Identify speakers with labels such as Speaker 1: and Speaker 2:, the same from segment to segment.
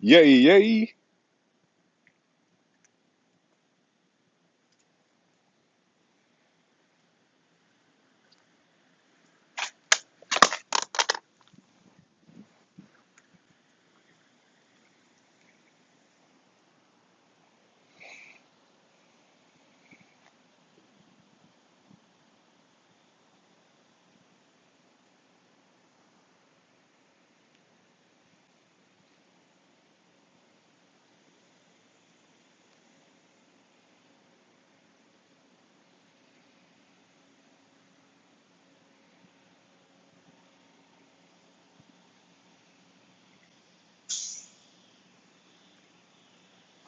Speaker 1: Yay, yay.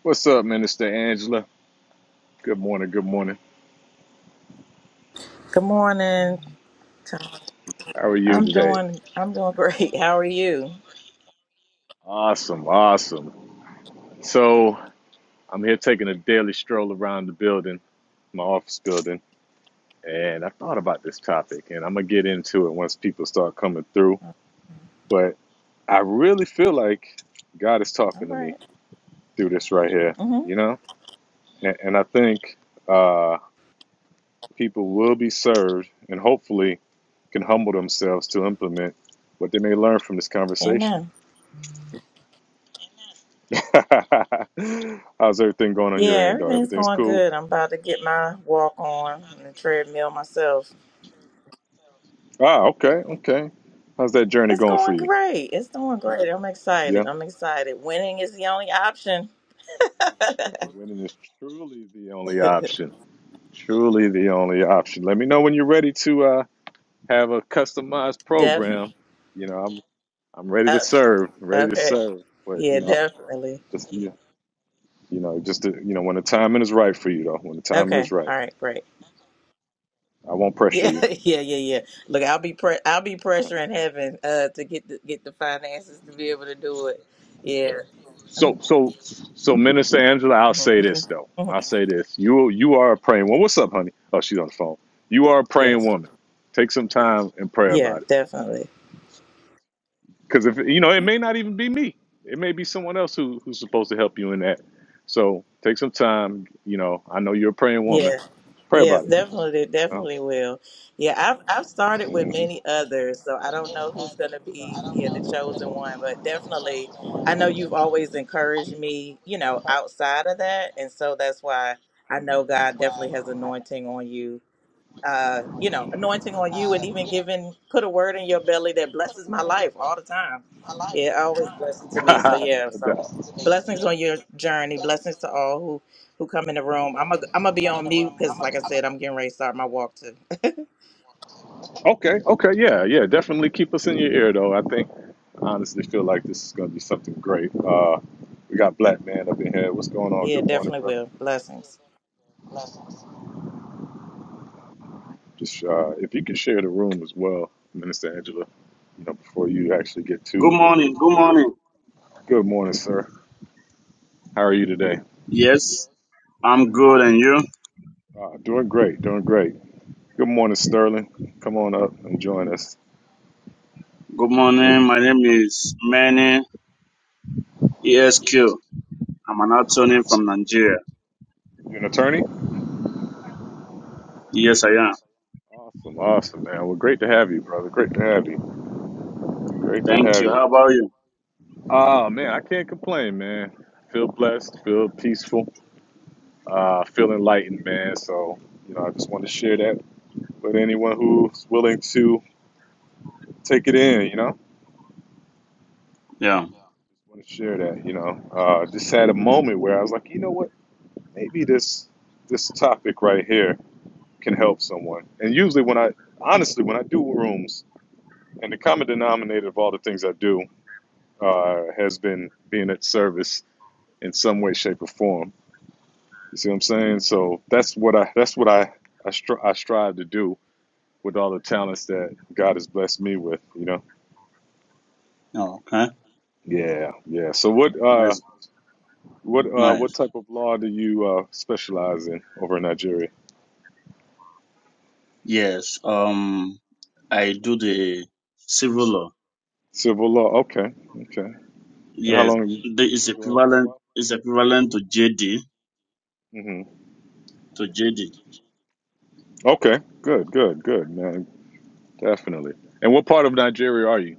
Speaker 1: What's up, Minister Angela? Good morning, good morning.
Speaker 2: Good morning. Tom.
Speaker 1: How are you
Speaker 2: I'm
Speaker 1: today?
Speaker 2: doing I'm doing great. How are you?
Speaker 1: Awesome, awesome. So, I'm here taking a daily stroll around the building, my office building, and I thought about this topic, and I'm going to get into it once people start coming through.
Speaker 2: All
Speaker 1: But I really feel like God is talking to me
Speaker 2: right.
Speaker 1: through this right here,
Speaker 2: Mm-hmm.
Speaker 1: you know? And, and I think uh, people will be served and hopefully can humble themselves to implement what they may learn from this conversation.
Speaker 2: Amen.
Speaker 1: How's everything going on your
Speaker 2: Yeah,
Speaker 1: end, though?
Speaker 2: everything's
Speaker 1: Everything's
Speaker 2: going
Speaker 1: cool?
Speaker 2: good. I'm about to get my walk on and the treadmill myself.
Speaker 1: Ah, okay, okay. How's that journey
Speaker 2: It's
Speaker 1: going for
Speaker 2: going
Speaker 1: you?
Speaker 2: great. It's doing great. I'm
Speaker 1: Yeah.
Speaker 2: excited. I'm excited. Winning is the only option.
Speaker 1: Winning is truly the only option. Truly the only option. Let me know when you're ready to uh, have a customized
Speaker 2: definitely.
Speaker 1: program. You know, I'm I'm ready to serve, ready to
Speaker 2: Okay.
Speaker 1: serve. But you
Speaker 2: Yeah,
Speaker 1: know,
Speaker 2: definitely.
Speaker 1: just you, you know, just to, you know, when the timing is right for you, though. When the timing is
Speaker 2: Okay.
Speaker 1: right,
Speaker 2: All right. Great.
Speaker 1: I won't pressure
Speaker 2: Yeah,
Speaker 1: you.
Speaker 2: yeah, yeah, yeah. Look, I'll be pre- I'll be pressuring heaven uh to get the get the finances to be able to do it. Yeah.
Speaker 1: So
Speaker 2: Mhm,
Speaker 1: so so Minister Angela, I'll
Speaker 2: mhm,
Speaker 1: say this
Speaker 2: mhm,
Speaker 1: though. I'll
Speaker 2: mhm.
Speaker 1: say this. You you are a praying woman. What's up, honey? Oh, she's on the phone. You are a praying
Speaker 2: Yes.
Speaker 1: woman. Take some time and pray
Speaker 2: Yeah,
Speaker 1: about it.
Speaker 2: definitely.
Speaker 1: Because if you know, it may not even be me. It may be someone else who, who's supposed to help you in that. So take some time, you know. I know you're a praying woman.
Speaker 2: Yeah.
Speaker 1: Pray
Speaker 2: Yes,
Speaker 1: about it.
Speaker 2: definitely, they
Speaker 1: You know?
Speaker 2: definitely will. Yeah, I've I've started with
Speaker 1: Mhm.
Speaker 2: many others, so I don't know who's gonna be yeah the chosen one, but definitely I know you've always encouraged me, you know, outside of that, and so that's why I know God definitely has
Speaker 1: Mhm.
Speaker 2: anointing on you uh, you know, anointing on you and even giving, put a word in your belly that blesses my life all the time. Yeah, always blessing to me. So
Speaker 1: no
Speaker 2: yeah, so
Speaker 1: doubt.
Speaker 2: blessings on your journey. Blessings to all who who come in the room. I'm a, I'm gonna be on mute because, like I said, I'm getting ready to start my walk too.
Speaker 1: Okay, okay, yeah, yeah. Definitely keep us in your ear, though. I think I honestly feel like this is going to be something great. Uh, we got Black Man up in here. What's going on?
Speaker 2: Yeah,
Speaker 1: Good morning,
Speaker 2: definitely
Speaker 1: brother.
Speaker 2: will. Blessings.
Speaker 1: Just uh, if you can share the room as well, Minister Angela. You know, before you actually get
Speaker 3: Good
Speaker 1: to.
Speaker 3: morning. Good morning.
Speaker 1: Good morning, sir. How are you today?
Speaker 3: Yes, I'm good. And you?
Speaker 1: Uh, doing great, doing great. Good morning, Sterling. Come on up and join us.
Speaker 3: Good
Speaker 1: Good.
Speaker 3: morning. My name is Manny ESQ. I'm an attorney from Nigeria.
Speaker 1: You an attorney?
Speaker 3: Yes, I am.
Speaker 1: Awesome, awesome, man. Well, great to have you, brother. Great to have you. Great to
Speaker 3: Thank
Speaker 1: have
Speaker 3: you.
Speaker 1: you.
Speaker 3: How about you?
Speaker 1: Oh man, I can't complain, man. Feel blessed, feel peaceful, uh, feel enlightened, man. So you know, I just want to share that with anyone who's willing to take it in. You know,
Speaker 3: Yeah.
Speaker 1: want to share that. You know, uh, just had a moment where I was like, you know what? Maybe this this topic right here can help someone. And usually, when I honestly, when I do rooms, and the common denominator of all the things I do uh, has been being at service in some way, shape, or form. You see what I'm saying? So that's what I that's what I I, stri- I strive to do with all the talents that God has blessed me with. You know?
Speaker 3: Oh, okay.
Speaker 1: Yeah, yeah. So what uh
Speaker 3: Nice.
Speaker 1: what uh what
Speaker 3: Nice.
Speaker 1: type of law do you uh specialize in over in Nigeria?
Speaker 3: Yes. Um, I do the civil law.
Speaker 1: Civil law. Okay, okay. And how
Speaker 3: Yes.
Speaker 1: long have you
Speaker 3: The,
Speaker 1: you've
Speaker 3: it's
Speaker 1: been doing it? Quite a
Speaker 3: equivalent.
Speaker 1: while.
Speaker 3: It's equivalent to JD.
Speaker 1: hmm
Speaker 3: To JD.
Speaker 1: Okay. Good. Good. Good. Man, definitely. And what part of Nigeria are you?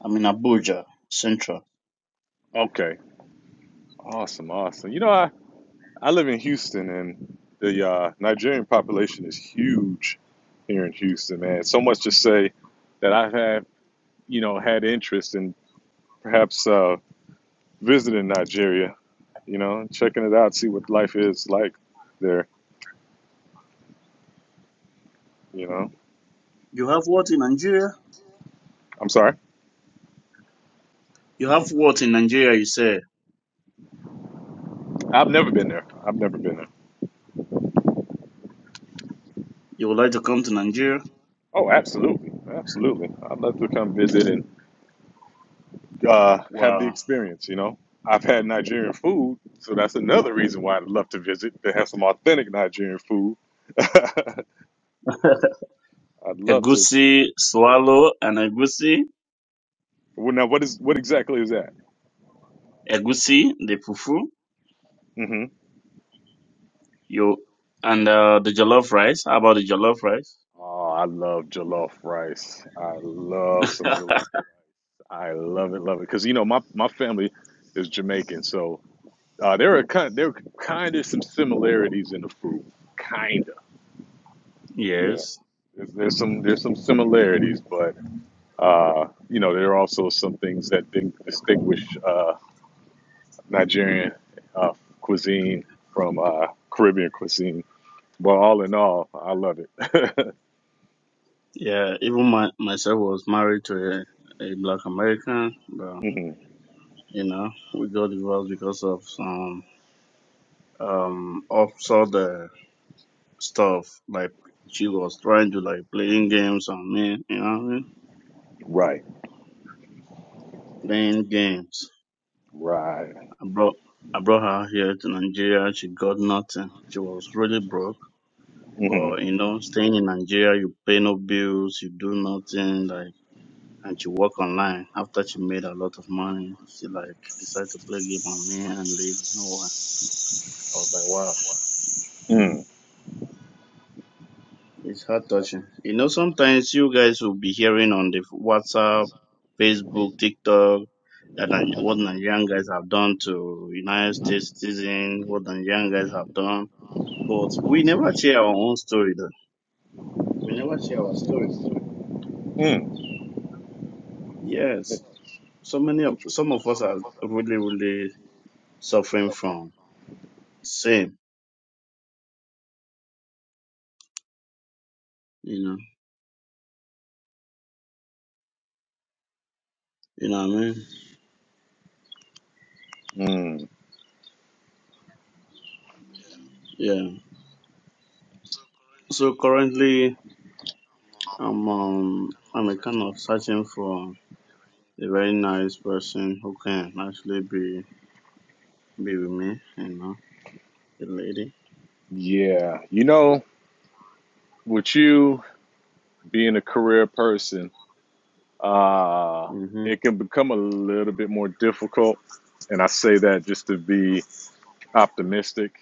Speaker 3: I'm in Abuja Central.
Speaker 1: Okay. Awesome, awesome. You know, I, I live in Houston, and the uh, Nigerian population is huge here in Houston, man. So much to say that I've had, you know, had interest in perhaps uh, visiting Nigeria, you know, checking it out, see what life is like there, you know.
Speaker 3: You have what in Nigeria?
Speaker 1: I'm sorry,
Speaker 3: You have what in Nigeria? You say
Speaker 1: I've never been there. I've never been there.
Speaker 3: you would like to come to Nigeria?
Speaker 1: Oh, absolutely, absolutely. I'd love to come visit and uh, have the
Speaker 3: Wow.
Speaker 1: experience, you know. I've had Nigerian food, so that's another reason why I'd love to visit to have some authentic Nigerian food. I'd love to. experience-
Speaker 3: Egusi swallow and egusi,
Speaker 1: Well, now what is what exactly is that?
Speaker 3: egusi, the fufu,
Speaker 1: hmm
Speaker 3: you, and uh, the jollof rice. How about the jollof rice?
Speaker 1: Oh, I love jollof rice. I love some jollof. I love it, love it. Because you know my my family is Jamaican, so uh, there are kind there are kind of some similarities in the food, kinda. Yeah,
Speaker 3: yes.
Speaker 1: there's, there's some there's some similarities, but uh, you know there are also some things that think, distinguish uh, Nigerian uh, cuisine from uh, Caribbean cuisine. But all in all, I love it.
Speaker 3: Yeah, even my, myself was married to a, a black American, but
Speaker 1: hmm
Speaker 3: you know, we got divorced because of some um absurd uh, stuff. Like she was trying to like playing games on me, you know what I mean?
Speaker 1: Right.
Speaker 3: Playing games.
Speaker 1: Right.
Speaker 3: I brought I brought her here to Nigeria. She got nothing. She was really broke.
Speaker 1: hmm
Speaker 3: But you know, staying in Nigeria, you pay no bills, you do nothing. Like, and she work online. After she made a lot of money, she like decided to play game on me and leave. You know, I was like, wow.
Speaker 1: mm
Speaker 3: It's heart touching. You know, sometimes you guys will be hearing on the WhatsApp, Facebook, TikTok that Ni- what Nigerian guys have done to United States citizens, what Nigerian guys have done. But we never share our own story though. We never share our story.
Speaker 1: mm
Speaker 3: Yes. So many of
Speaker 1: Interesting.
Speaker 3: some of us are really, really suffering from same, you know. You know what I mean?
Speaker 1: mm
Speaker 3: Yeah. So currently I'm um I'm a kind of searching for a very nice person who can actually be be with me, you know, a lady.
Speaker 1: Yeah. You know, with you being a career person, uh,
Speaker 3: hmm
Speaker 1: it can become a little bit more difficult. And I say that just to be optimistic.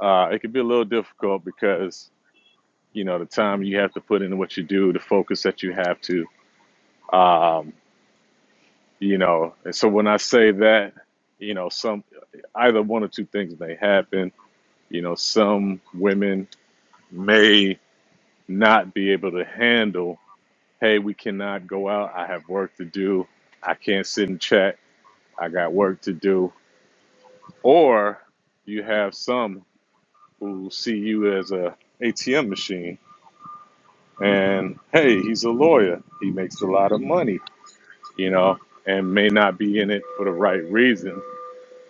Speaker 1: Uh, it can be a little difficult because, you know, the time you have to put into what you do, the focus that you have to. Um. you know and so when i say that you know some either one or two things may happen you know some women may not be able to handle hey we cannot go out i have work to do i can't sit and chat i got work to do or you have some who see you as a atm machine and hey he's a lawyer he makes a lot of money you know and may not be in it for the right reasons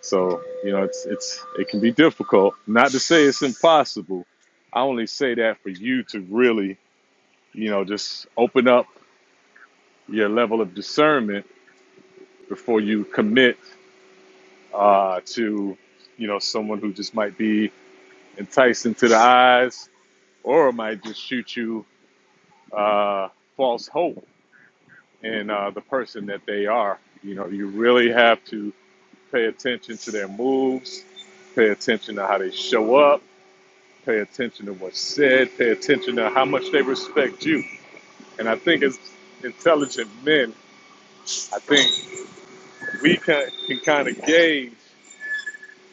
Speaker 1: So you know, it's it's it can be difficult. Not to say it's impossible. I only say that for you to really, you know, just open up your level of discernment before you commit uh, to, you know, someone who just might be enticing to the eyes or might just shoot you uh, false hope in uh, the person that they are. You know, you really have to pay attention to their moves, pay attention to how they show up Pay attention to what's said. Pay attention to how much they respect you. And I think as intelligent men, I think we can, can kind of gauge.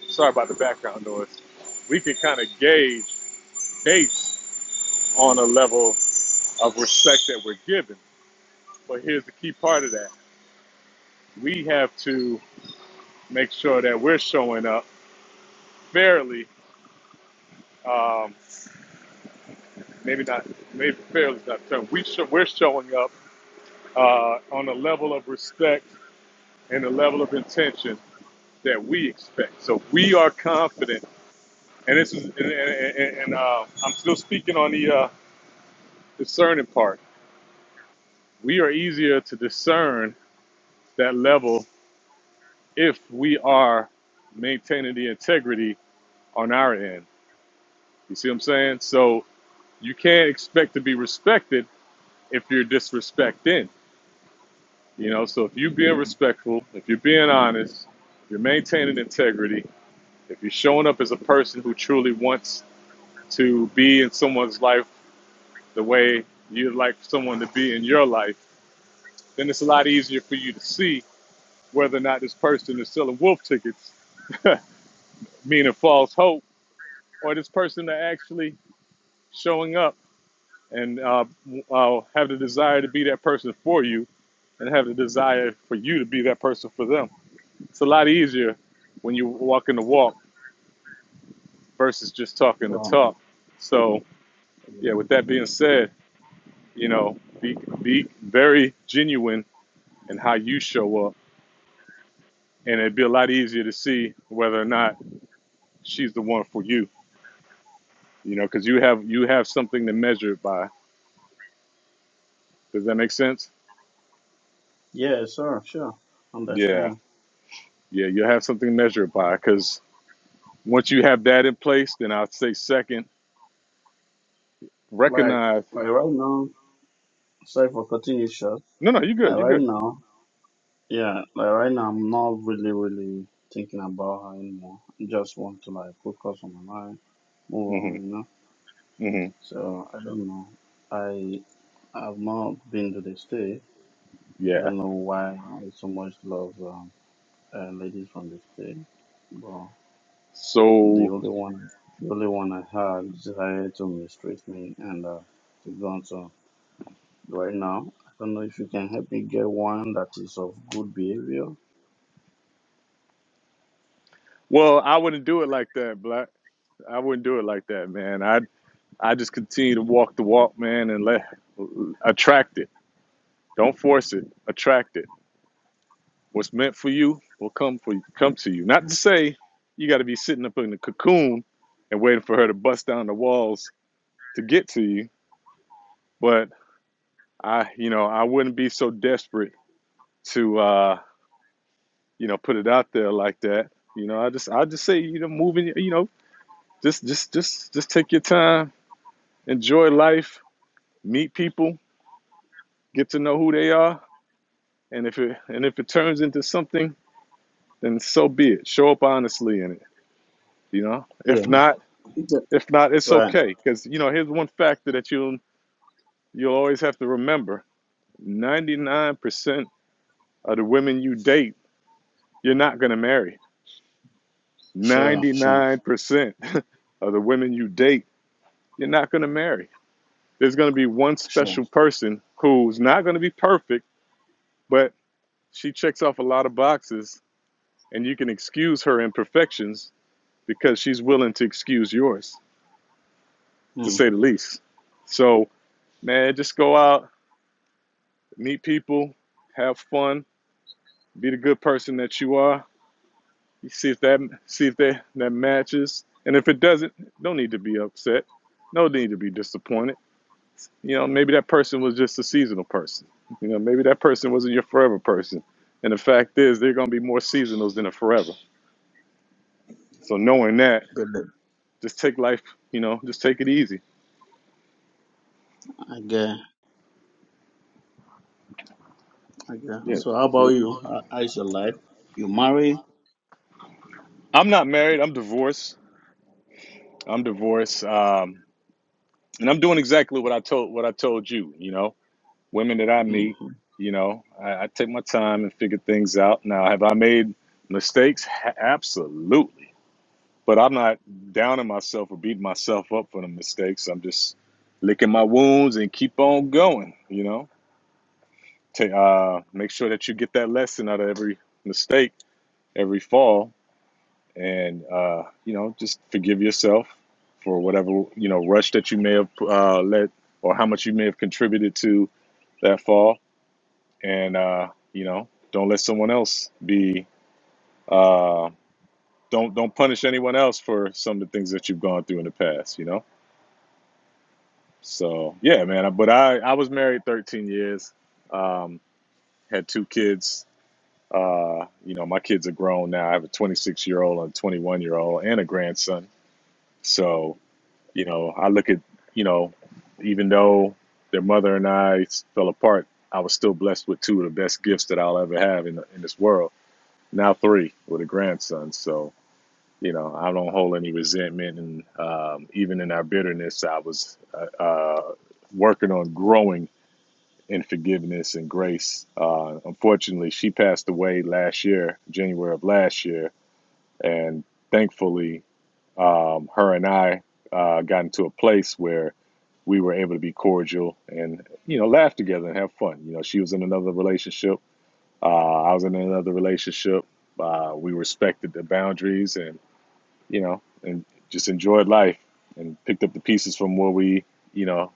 Speaker 1: Sorry about the background noise. We can kind of gauge based on a level of respect that we're given. But here's the key part of that: we have to make sure that we're showing up fairly. Um, maybe not. Maybe fairly is not the term. We show, we're showing up uh, on a level of respect and a level of intention that we expect. So we are confident, and this is, and, and, and, uh, I'm still speaking on the uh, discerning part. We are easier to discern that level if we are maintaining the integrity on our end. You see what I'm saying? So you can't expect to be respected if you're disrespecting. You know, so if you're being respectful, if you're being honest, if you're maintaining integrity, if you're showing up as a person who truly wants to be in someone's life the way you'd like someone to be in your life, then it's a lot easier for you to see whether or not this person is selling wolf tickets, meaning false hope, or this person are actually showing up and uh, uh, have the desire to be that person for you and have the desire for you to be that person for them. It's a lot easier when you walk in the walk versus just talking the
Speaker 3: Well,
Speaker 1: talk. So, yeah, with that being said, you know, be, be very genuine in how you show up and it'd be a lot easier to see whether or not she's the one for you. You know, because you have you have something to measure it by. Does that make sense?
Speaker 3: yeah, sure, sure,
Speaker 1: Yeah,
Speaker 3: understand.
Speaker 1: yeah, you have something to measure it by. Because once you have that in place, then I'd say second,
Speaker 3: Like,
Speaker 1: recognize.
Speaker 3: like right now, sorry for cutting you short.
Speaker 1: No, no, you're
Speaker 3: Like
Speaker 1: good. You're
Speaker 3: right
Speaker 1: good.
Speaker 3: now, yeah, like right now, I'm not really, really thinking about her anymore. I just want to like focus on my life, move
Speaker 1: hmm
Speaker 3: on, you know.
Speaker 1: hmm
Speaker 3: So I don't know. I I've not been to the state. I
Speaker 1: Yeah.
Speaker 3: don't know why I have so much love. um, uh, ladies from the state. But the
Speaker 1: So,
Speaker 3: only one, the only one I had decided to mistreat me and uh, to go on so. right now. I don't know if you can help me get one that is of good behavior.
Speaker 1: well, I wouldn't do it like that, black. I wouldn't do it like that, man. I I just continue to walk the walk, man, and let attract it. Don't force it. Attract it What's meant for you will come for you, come to you. Not to say you got to be sitting up in the cocoon and waiting for her to bust down the walls to get to you, but I, you know, I wouldn't be so desperate to, uh, you know, put it out there like that. You know, I just, I just say, you know, moving, you know, just, just, just, just take your time, enjoy life, meet people, get to know who they are, and if it, and if it turns into something, then so be it. Show up honestly in it. You know, if
Speaker 3: Yeah.
Speaker 1: not
Speaker 3: yeah.
Speaker 1: If not, it's
Speaker 3: Right.
Speaker 1: okay. Because, you know, here's one factor that you'll, you'll always have to remember 99% of the women you date, you're not going to marry.
Speaker 3: Sure. Sure.
Speaker 1: 99% of the women you date, you're not going to marry. There's going to be one
Speaker 3: Sure.
Speaker 1: special person who's not going to be perfect, but she checks off a lot of boxes, and you can excuse her imperfections because she's willing to excuse yours, to
Speaker 3: Hmm.
Speaker 1: say the least. So, man, just go out, meet people, have fun, Be the good person that you are. You see if that see if that that matches. And if it doesn't, don't need to be upset. No need to be disappointed. You know, maybe that person was just a seasonal person. You know, maybe that person wasn't your forever person. And the fact is, they're gonna be more seasonals than a forever. So knowing that,
Speaker 3: Good.
Speaker 1: just take life. You know, just take it easy.
Speaker 3: I get. I get.
Speaker 1: Yeah.
Speaker 3: So how about
Speaker 1: yeah.
Speaker 3: you? how is your life? You marry?
Speaker 1: I'm not married. I'm divorced. I'm divorced. Um, and I'm doing exactly what I told what I told you. You know, women that I
Speaker 3: hmm
Speaker 1: meet, you know, I, I take my time and figure things out. Now, have I made mistakes? Ha- absolutely. But I'm not downing myself or beating myself up for the mistakes. I'm just licking my wounds and keep on going, you know. Take, uh, make sure that you get that lesson out of every mistake, every fall, and, uh, you know, just forgive yourself for whatever, you know, rush that you may have uh, let or how much you may have contributed to that fall and uh, you know, don't let someone else be. Uh, don't don't punish anyone else for some of the things that you've gone through in the past. You know. So yeah, man. But I I was married 13 years. Um, had two kids. Uh, you know, my kids are grown now. I have a 26 year old, a 21 year old, and a grandson. So you know, I look at you know, even though their mother and I fell apart, I was still blessed with two of the best gifts that I'll ever have in in this world now three with a grandson. So, you know, I don't hold any resentment. And um, even in our bitterness, I was uh, uh, working on growing in forgiveness and grace. Uh, unfortunately, she passed away last year, January of last year. And thankfully, um, her and I uh, got into a place where we were able to be cordial and, you know, laugh together and have fun. You know, she was in another relationship uh, I was in another relationship. Uh, we respected the boundaries and, you know, and just enjoyed life and picked up the pieces from where we, you know,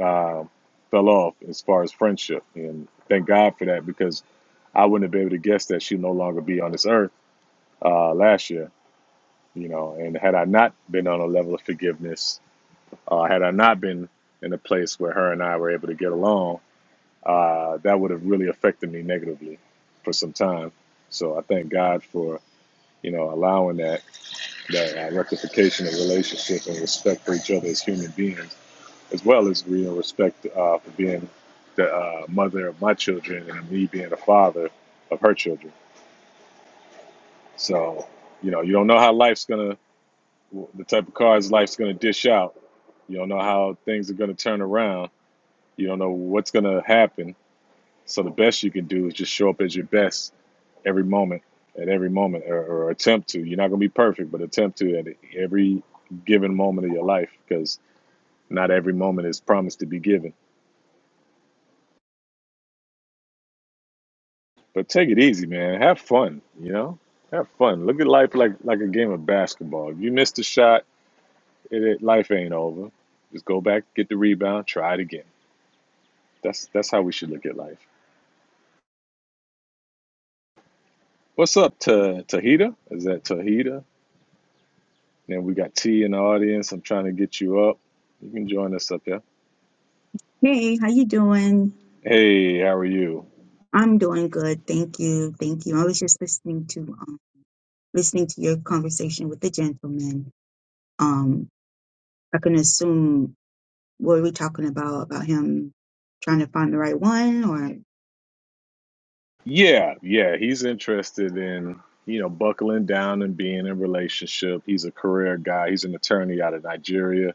Speaker 1: uh, fell off as far as friendship. And thank God for that because I wouldn't have been able to guess that she'd no longer be on this earth uh, last year, you know. And had I not been on a level of forgiveness, uh, had I not been in a place where her and I were able to get along, uh, that would have really affected me negatively for some time. So I thank God for you know allowing that that uh, rectification of relationship and respect for each other as human beings, as well as you know respect uh, for being the uh, mother of my children and me being the father of her children. So you know you don't know how life's gonna the type of cards life's gonna dish out. You don't know how things are gonna turn around. You don't know what's gonna happen. So the best you can do is just show up as your best every moment, at every moment, or, or attempt to. You're not going to be perfect, but attempt to at every given moment of your life because not every moment is promised to be given. But take it easy, man. Have fun, you know? Have fun. Look at life like, like a game of basketball. If you missed a shot, it, it, life ain't over. Just go back, get the rebound, try it again. That's that's how we should look at life. What's up, Ta Tahita? Is that Tahita? Then we got T in the audience. I'm trying to get you up. You can join us up here.
Speaker 4: Hey, how you doing?
Speaker 1: Hey, how are you?
Speaker 4: I'm doing good, thank you, thank you. I was just listening to um, listening to your conversation with the gentleman. Um, I can assume what are we talking about about him trying to find the right one, or
Speaker 1: Yeah, yeah, he's interested in, you know, buckling down and being in a relationship. He's a career guy. He's an attorney out of Nigeria,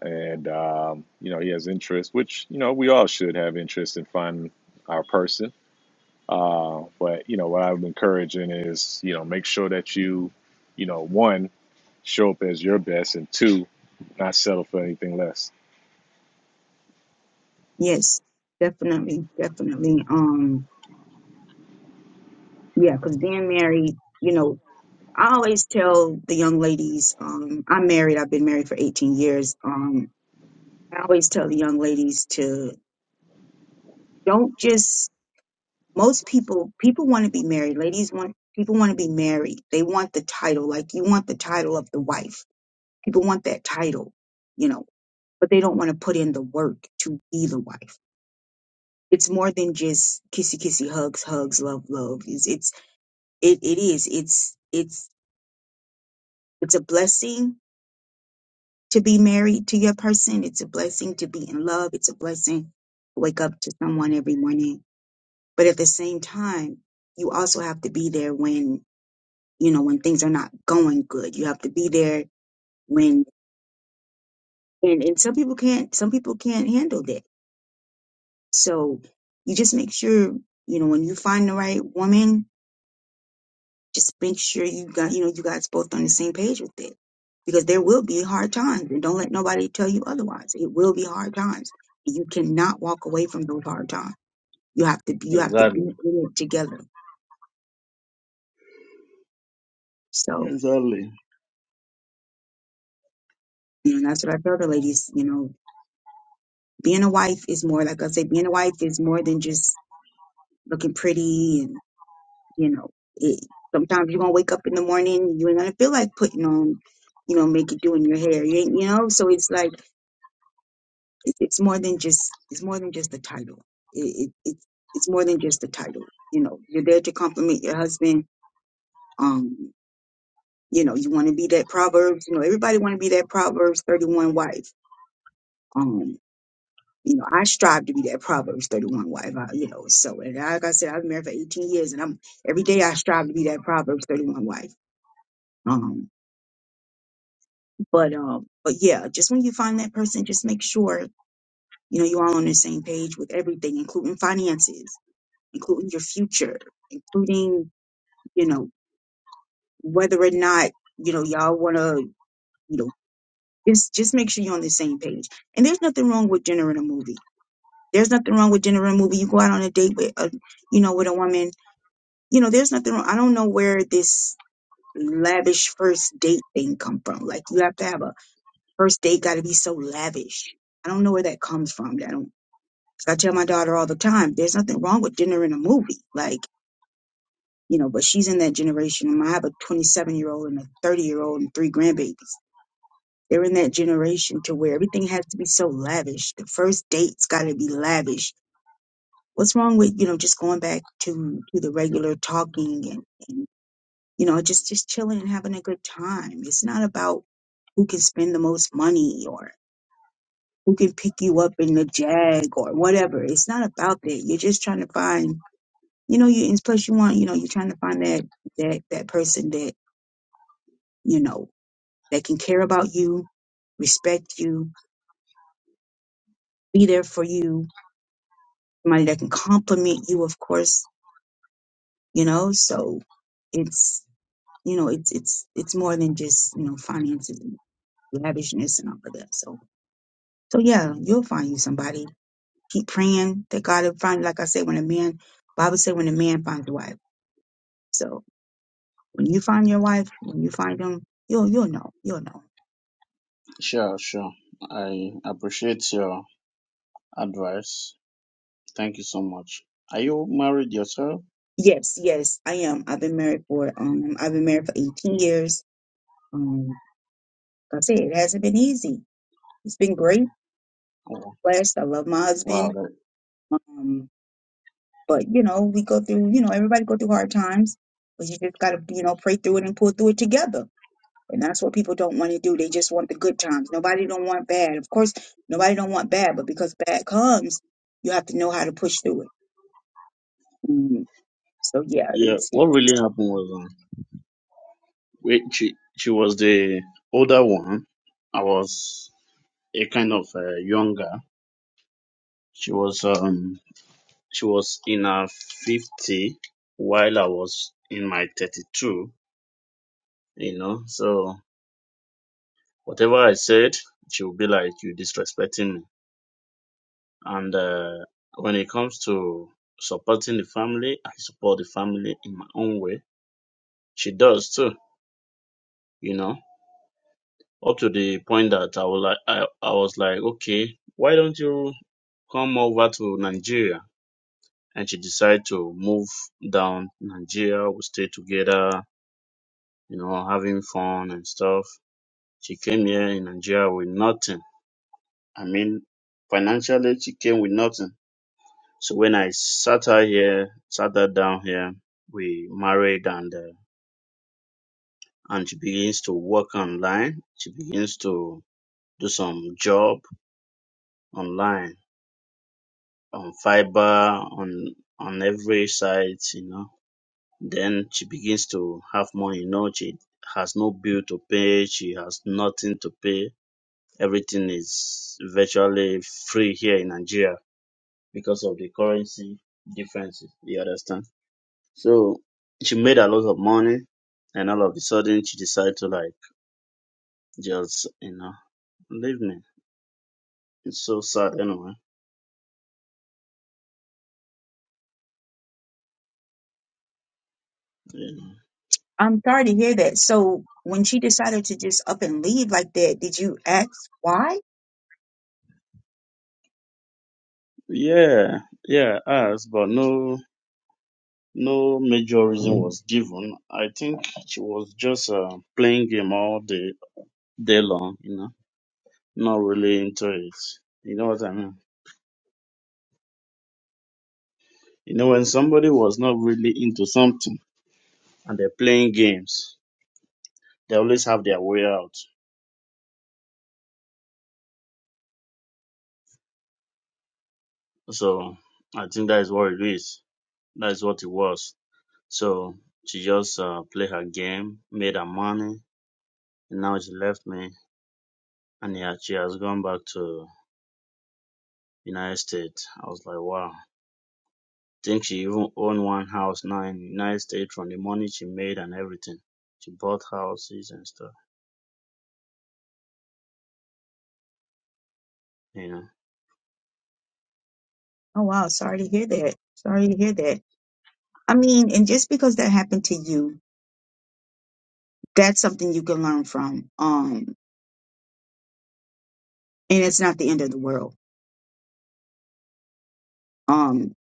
Speaker 1: and um, you know, he has interest, which you know we all should have interest in finding our person. Uh, but you know, what I'm encouraging is, you know, make sure that you, you know, one, show up as your best, and two, not settle for anything less.
Speaker 4: yes, definitely, definitely. Um, yeah, because being married, you know, I always tell the young ladies, um, I'm married. I've been married for 18 years. Um, I always tell the young ladies to don't just most people people want to be married ladies want people want to be married they want the title like you want the title of the wife people want that title you know but they don't want to put in the work to be the wife it's more than just kissy kissy hugs hugs love love it's, it's it, it is it's it's it's a blessing to be married to your person it's a blessing to be in love it's a blessing to wake up to someone every morning but at the same time you also have to be there when you know, when things are not going good. You have to be there when, and, and some people can't, some people can't handle that. So you just make sure, you know, when you find the right woman, just make sure you got, you know, you guys both on the same page with it because there will be hard times and don't let nobody tell you otherwise. It will be hard times. You cannot walk away from those hard times. You have to, you have to be
Speaker 3: Exactly.
Speaker 4: in it together. So,
Speaker 3: Exactly.
Speaker 4: you know, that's what I tell the ladies, you know, being a wife is more, like I say, being a wife is more than just looking pretty and you know it sometimes you're gonna wake up in the morning you ain't gonna feel like putting on you know make it doing your hair you, ain't, you know so it's like it, it's more than just it's more than just the title it, it, it it's more than just the title you know you're there to compliment your husband um you know you want to be that proverbs you know everybody want to be that proverbs 31 wife um you know i strive to be that proverbs 31 wife I, you know so and like i said i've been married for 18 years and i'm every day i strive to be that proverbs 31 wife Um, but um, but yeah, just when you find that person, just make sure you know you all on the same page with everything, including finances, including your future, including you know whether or not you know y'all want to you know just just make sure you're on the same page. And there's nothing wrong with generating a movie. There's nothing wrong with generating a movie. You go out on a date with a you know with a woman. You know, there's nothing wrong. I don't know where this lavish first date thing come from. Like you have to have a First date got to be so lavish. I don't know where that comes from. I don't. 'cause I tell my daughter all the time, there's nothing wrong with dinner and a movie. Like you know, but she's in that generation. And I have a 27 year old and a 30 year old and three grandbabies. They're in that generation to where everything has to be so lavish. The first date's got to be lavish. What's wrong with you know just going back to to the regular talking and, and you know just just chilling and having a good time? It's not about who can spend the most money or who can pick you up in the jag or whatever. It's not about that. You're just trying to find, you know, you and plus you want, you know, you're trying to find that that that person that you know that can care about you, respect you, be there for you, somebody that can compliment you, of course, you know. So it's you know it's it's it's more than just you know finances, and lavishness, and all of that. So so yeah, you'll find you somebody. Keep praying that God will find. Like I said, when a man, Bible said, when a man finds a wife. So when you find your wife, when you find them, you'll you'll know. You'll know.
Speaker 3: Sure. Sure. I appreciate your advice. Thank you so much. Are you married yourself?
Speaker 4: Yes, yes, I am. I've been married for um I've been married for 18 years. Um like I said it hasn't been easy. It's been great,
Speaker 3: Oh,
Speaker 4: blessed. I love my
Speaker 3: wow.
Speaker 4: husband.
Speaker 3: That,
Speaker 4: Um, but you know, we go through, you know, everybody go through hard times, but you just gotta, you know, pray through it and pull through it together. And that's what people don't want to do. They just want the good times. Nobody don't want bad. Of course, nobody don't want bad, but because bad comes, you have to know how to push through it. Mm, so yeah,
Speaker 3: yeah.
Speaker 4: it's
Speaker 3: What really happened was uh, we, she she was the older one. I was a kind of uh, younger. She was um she was in her fifty while I was in my thirty two. You know, so whatever I said, she would be like, "You disrespecting me." And uh, when it comes to supporting the family, I support the family in my own way. She does too you know, up to the point that I was like, I, I was like, okay, why don't you come over to Nigeria? And she decided to move down Nigeria. We stay together, you know, having fun and stuff. She came here in Nigeria with nothing. I mean, financially, she came with nothing. So when I sat her here, sat her down here, we married and uh, and she begins to work online. She begins to do some job online on fiber on on every side, you know. Then she begins to have money, you know, she has no bill to pay, she has nothing to pay. Everything is virtually free here in Nigeria because of the currency differences, you understand? So she made a lot of money and all of a sudden she decided to like just, you know, leave me. It's so sad anyway. you know.
Speaker 4: I'm sorry to hear that. So when she decided to just up and leave like that, did you ask why?
Speaker 3: Yeah, yeah, us, but no No major reason was given. I think she was just uh, playing game all day, day long, you know, not really into it. You know what I mean? You know, when somebody was not really into something and they're playing games, they always have their way out. So I think that is what it is. That is what it was. So she just uh, played her game, made her money, and now she left me, and yeah, she has gone back to United States. I was like, wow Think she even owned one house now in the United States from the money she made and everything. She bought houses and stuff, you know.
Speaker 4: Oh wow, sorry to hear that. Sorry to hear that. I mean, and just because that happened to you, that's something you can learn from. Um, and it's not the end of the world. Um,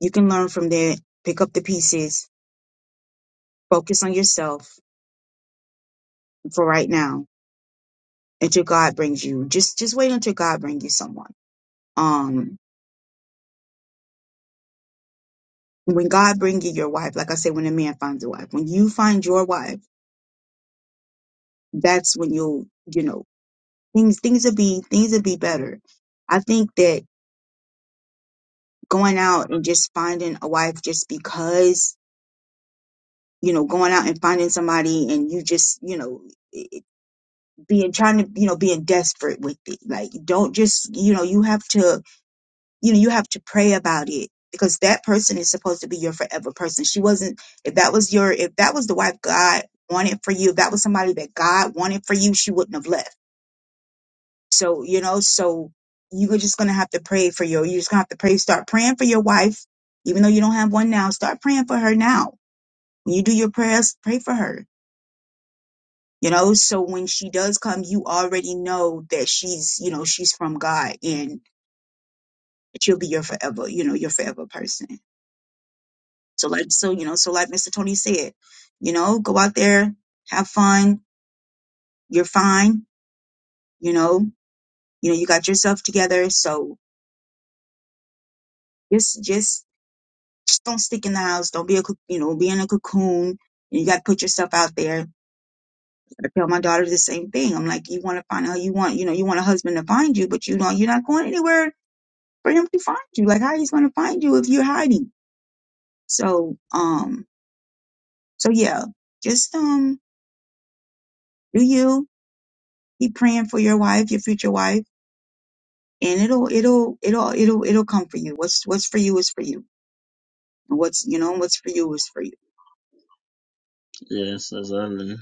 Speaker 4: you can learn from that, pick up the pieces, focus on yourself for right now until God brings you. Just just wait until God brings you someone. Um, when God bring you your wife, like I said, when a man finds a wife, when you find your wife that's when you'll you know things things will be things will be better i think that going out and just finding a wife just because you know going out and finding somebody and you just you know being trying to you know being desperate with it like don't just you know you have to you know you have to pray about it because that person is supposed to be your forever person she wasn't if that was your if that was the wife god wanted for you if that was somebody that god wanted for you she wouldn't have left So, you know, so you're just going to have to pray for your, you're just going to have to pray, start praying for your wife. Even though you don't have one now, start praying for her now. When you do your prayers, pray for her, you know, so when she does come, you already know that she's, you know, she's from God and that she'll be your forever, you know, your forever person. So like, so, you know, so like Mr. Tony said, you know, go out there, have fun. You're fine. You know, you know, you got yourself together. So just, just just don't stick in the house. Don't be a, coc- you know, be in a cocoon. You got to put yourself out there. I tell my daughter the same thing. I'm like, you want to find out, you want, you know, you want a husband to find you, but you don't, you're not going anywhere for him to find you. Like, how he's going to find you if you're hiding? So, um, so yeah, just, um, do you keep praying for your wife, your future wife, and it'll, it'll, it'll, it'll, it'll come for you. What's, what's for you is for you. And what's, you know, what's for you is for you.
Speaker 3: Yes, exactly.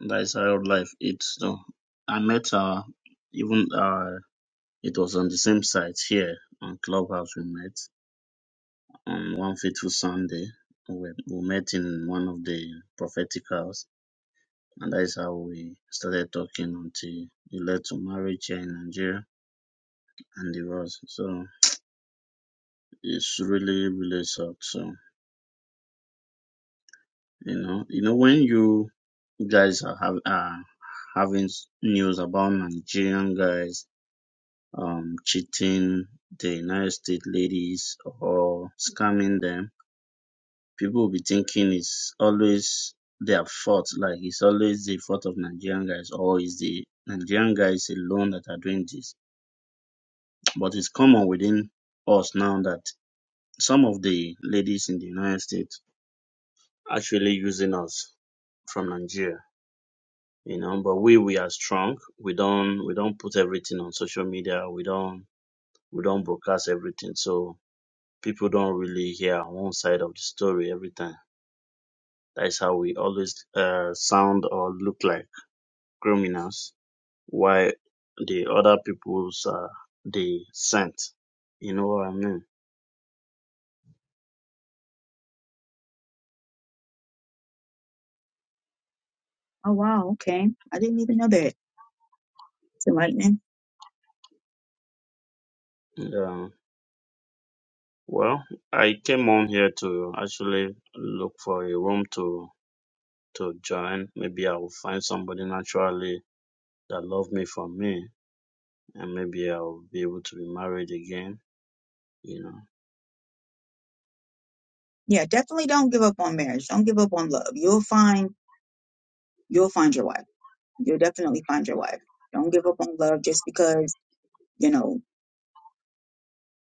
Speaker 3: That's how life is though. I met her even uh it was on the same site here on Clubhouse we met on one fateful Sunday. We, we met in one of the prophetic house and that is how we started talking until it led to marriage here in Nigeria and divorce. So it's really really sucks. So You know, you know when you guys are have, uh, having s- news about Nigerian guys um, cheating the United States ladies or scamming them, people will be thinking it's always their fault. Like it's always the fault of Nigerian guys, or is the Nigerian guys alone that are doing this? But it's common within us now that some of the ladies in the United States actually using us from Nigeria. you know but we we are strong we don't we don't put everything on social media we don't we don't broadcast everything so people don't really hear our own side of the story every time that's how we always uh, sound or look like criminals while the other people's are the saint you know what i mean
Speaker 4: Oh, wow. Okay. I didn't even know that. It's enlightening.
Speaker 3: yeah. well i came on here to actually look for a room to to join maybe i will find somebody naturally that love me for me and maybe I'll be able to be married again, you know.
Speaker 4: yeah definitely don't give up on marriage don't give up on love you'll find you'll find your wife you'll definitely find your wife don't give up on love just because you know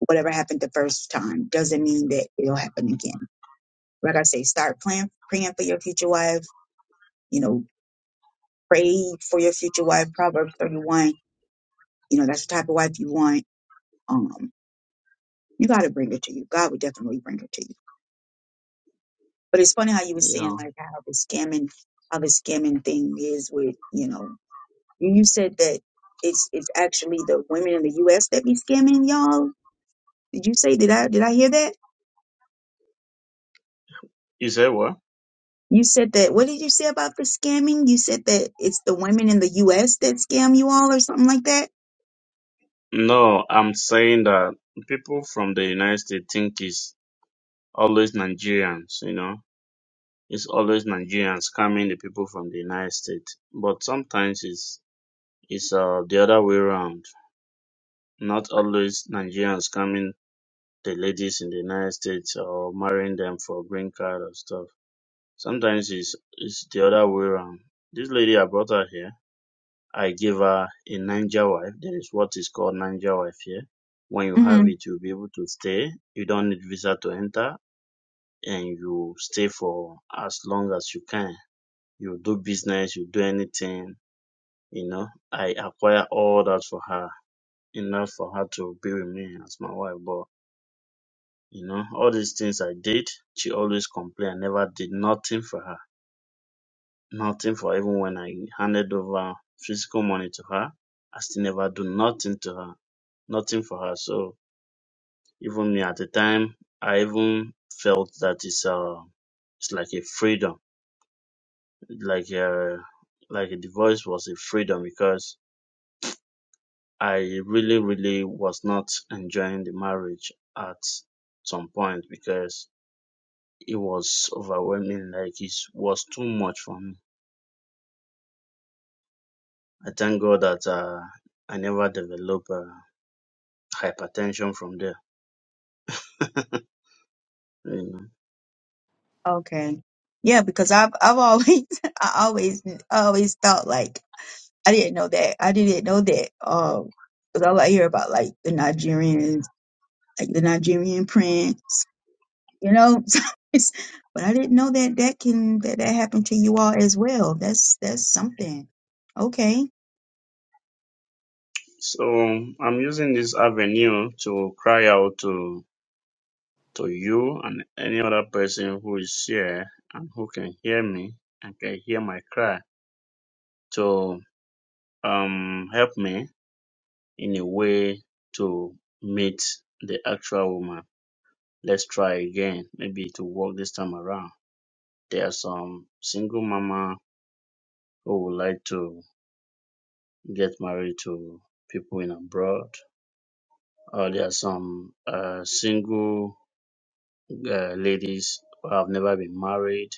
Speaker 4: whatever happened the first time doesn't mean that it'll happen again like i say start plan, praying for your future wife you know pray for your future wife proverbs 31 you know that's the type of wife you want um you got to bring her to you god would definitely bring her to you but it's funny how you were saying
Speaker 3: Yeah.
Speaker 4: like how the scamming how the scamming thing is with you know You said that it's it's actually the women in the U.S. that be scamming y'all. Did you say? Did I did I hear that?
Speaker 3: You say what?
Speaker 4: You said that. What did you say about the scamming? You said that it's the women in the U.S. that scam you all, or something like that.
Speaker 3: No, I'm saying that people from the United States think it's always Nigerians, you know. It's always Nigerians coming the people from the United States. But sometimes it's it's uh the other way around. Not always Nigerians coming the ladies in the United States or marrying them for green card or stuff. Sometimes it's it's the other way around. This lady I brought her here. I gave her a Niger wife. There is what is called Niger wife here. When you
Speaker 4: hmm
Speaker 3: have it, you'll be able to stay. You don't need visa to enter and you stay for as long as you can. You do business, you do anything, you know. I acquire all that for her, enough for her to be with me as my wife. But, you know, all these things I did, she always complained. I never did nothing for her. Nothing for her. even when I handed over physical money to her. I still never do nothing to her nothing for her. So even me at the time, I even felt that it's uh it's like a freedom, like uh like a divorce was a freedom because I really really was not enjoying the marriage at some point because it was overwhelming, like it was too much for me. I thank God that uh, I never developed uh, hypertension from there. you know.
Speaker 4: Okay. Yeah, because I've I've always I always I always thought like I didn't know that I didn't know that. Um, because all I hear about like the Nigerians, like the Nigerian prince. you know So it's- but i didn't know that that can that that happened to you all as well that's that's something okay
Speaker 3: So I'm using this avenue to cry out to to you and any other person who is here and who can hear me and can hear my cry to um, help me in a way to meet the actual woman. Let's try again. Maybe to work this time around. There are some single mama who would like to get married to people in abroad. Or there are some uh, single uh, ladies who have never been married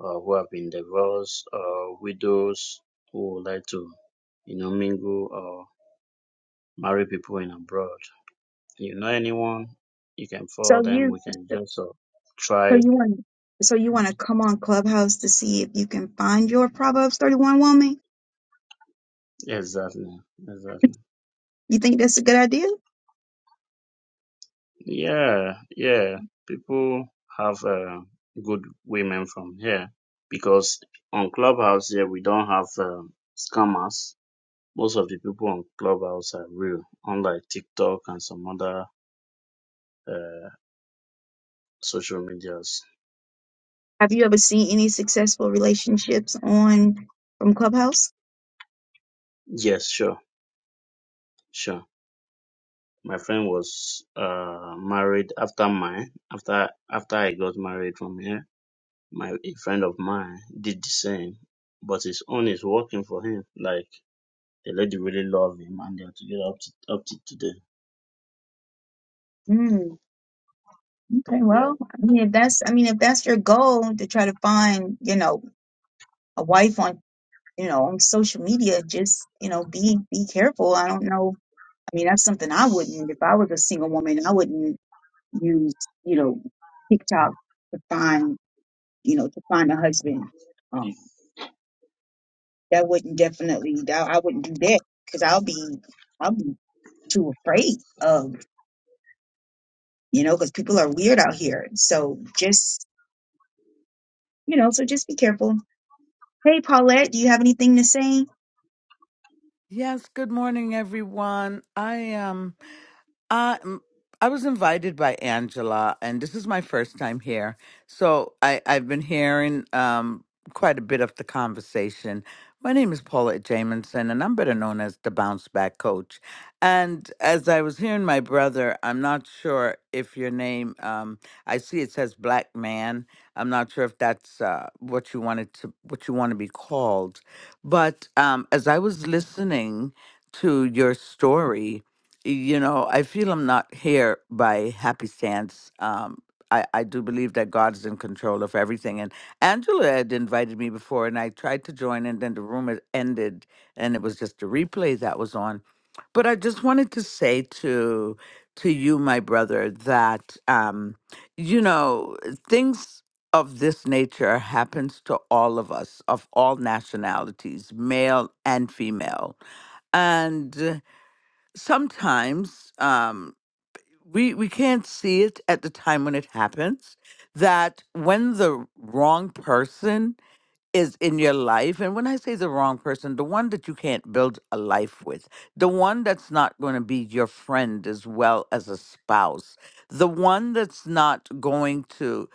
Speaker 3: uh, who have been divorced, uh, widows who would like to, you know, mingle or marry people in abroad. You know anyone, you can
Speaker 4: so
Speaker 3: follow them.
Speaker 4: you
Speaker 3: We can
Speaker 4: so
Speaker 3: just uh, try.
Speaker 4: you want so you want to come on clubhouse to see if you can find your proverbs 31 woman
Speaker 3: Exactly, exactly.
Speaker 4: You think that's a good idea?
Speaker 3: Yeah, yeah. People have uh, good women from here because on Clubhouse here we don't have uh, scammers. Most of the people on Clubhouse are real, unlike TikTok and some other uh, social media
Speaker 4: Have you ever seen any successful relationships on from Clubhouse?
Speaker 3: Yes, sure, sure. My friend was uh married after mine. After after I got married from here, my a friend of mine did the same, but his own is working for him. Like the lady really love him, and they're together up to up to today.
Speaker 4: Mm, okay,
Speaker 3: Yeah.
Speaker 4: well, I mean, if that's, I mean, if that's your goal to try to find, you know, a wife on you know, on social media, just, you know, be be careful. I don't know. I mean, that's something I wouldn't if I was a single woman, I wouldn't use, you know, TikTok to find, you know, to find a husband. Um, that wouldn't definitely that I wouldn't do that because I'll be I'll be too afraid of, you know, because people are weird out here. So just, you know, so just be careful. Hey, Paulette, do you have anything to say?
Speaker 5: Yes, good morning, everyone. I am. Uh, m- I was invited by Angela, and this is my first time here. So I, I've been hearing um, quite a bit of the conversation. My name is Paulette Jamison, and I'm better known as the Bounce Back Coach. And as I was hearing my brother, I'm not sure if your name, um, I see it says Black Man. I'm not sure if that's uh, what you wanted to what you want to be called. But um, as I was listening to your story, you know, I feel I'm not here by happy stance. Um, I, I do believe that God is in control of everything. And Angela had invited me before, and I tried to join, and then the room had ended, and it was just a replay that was on. But I just wanted to say to to you, my brother, that um, you know things of this nature happens to all of us of all nationalities, male and female, and sometimes um, we we can't see it at the time when it happens that when the wrong person is in your life, and when I say the wrong person, the one that you can't build a life with, the one that's not going to be your friend as well as a spouse, the one that's not going to,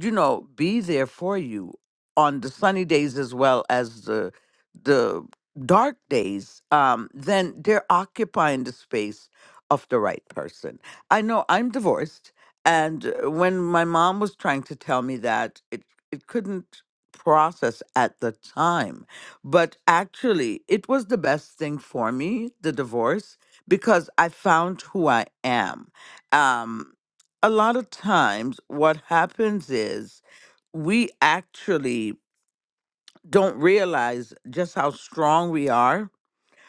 Speaker 5: you know, be there for you on the sunny days as well as the the dark days, um, then they're occupying the space of the right person. I know I'm divorced, and uh, when my mom was trying to tell me that, it it couldn't process at the time. But actually, it was the best thing for me, the divorce, because I found who I am. Um, a lot of times, what happens is we actually don't realize just how strong we are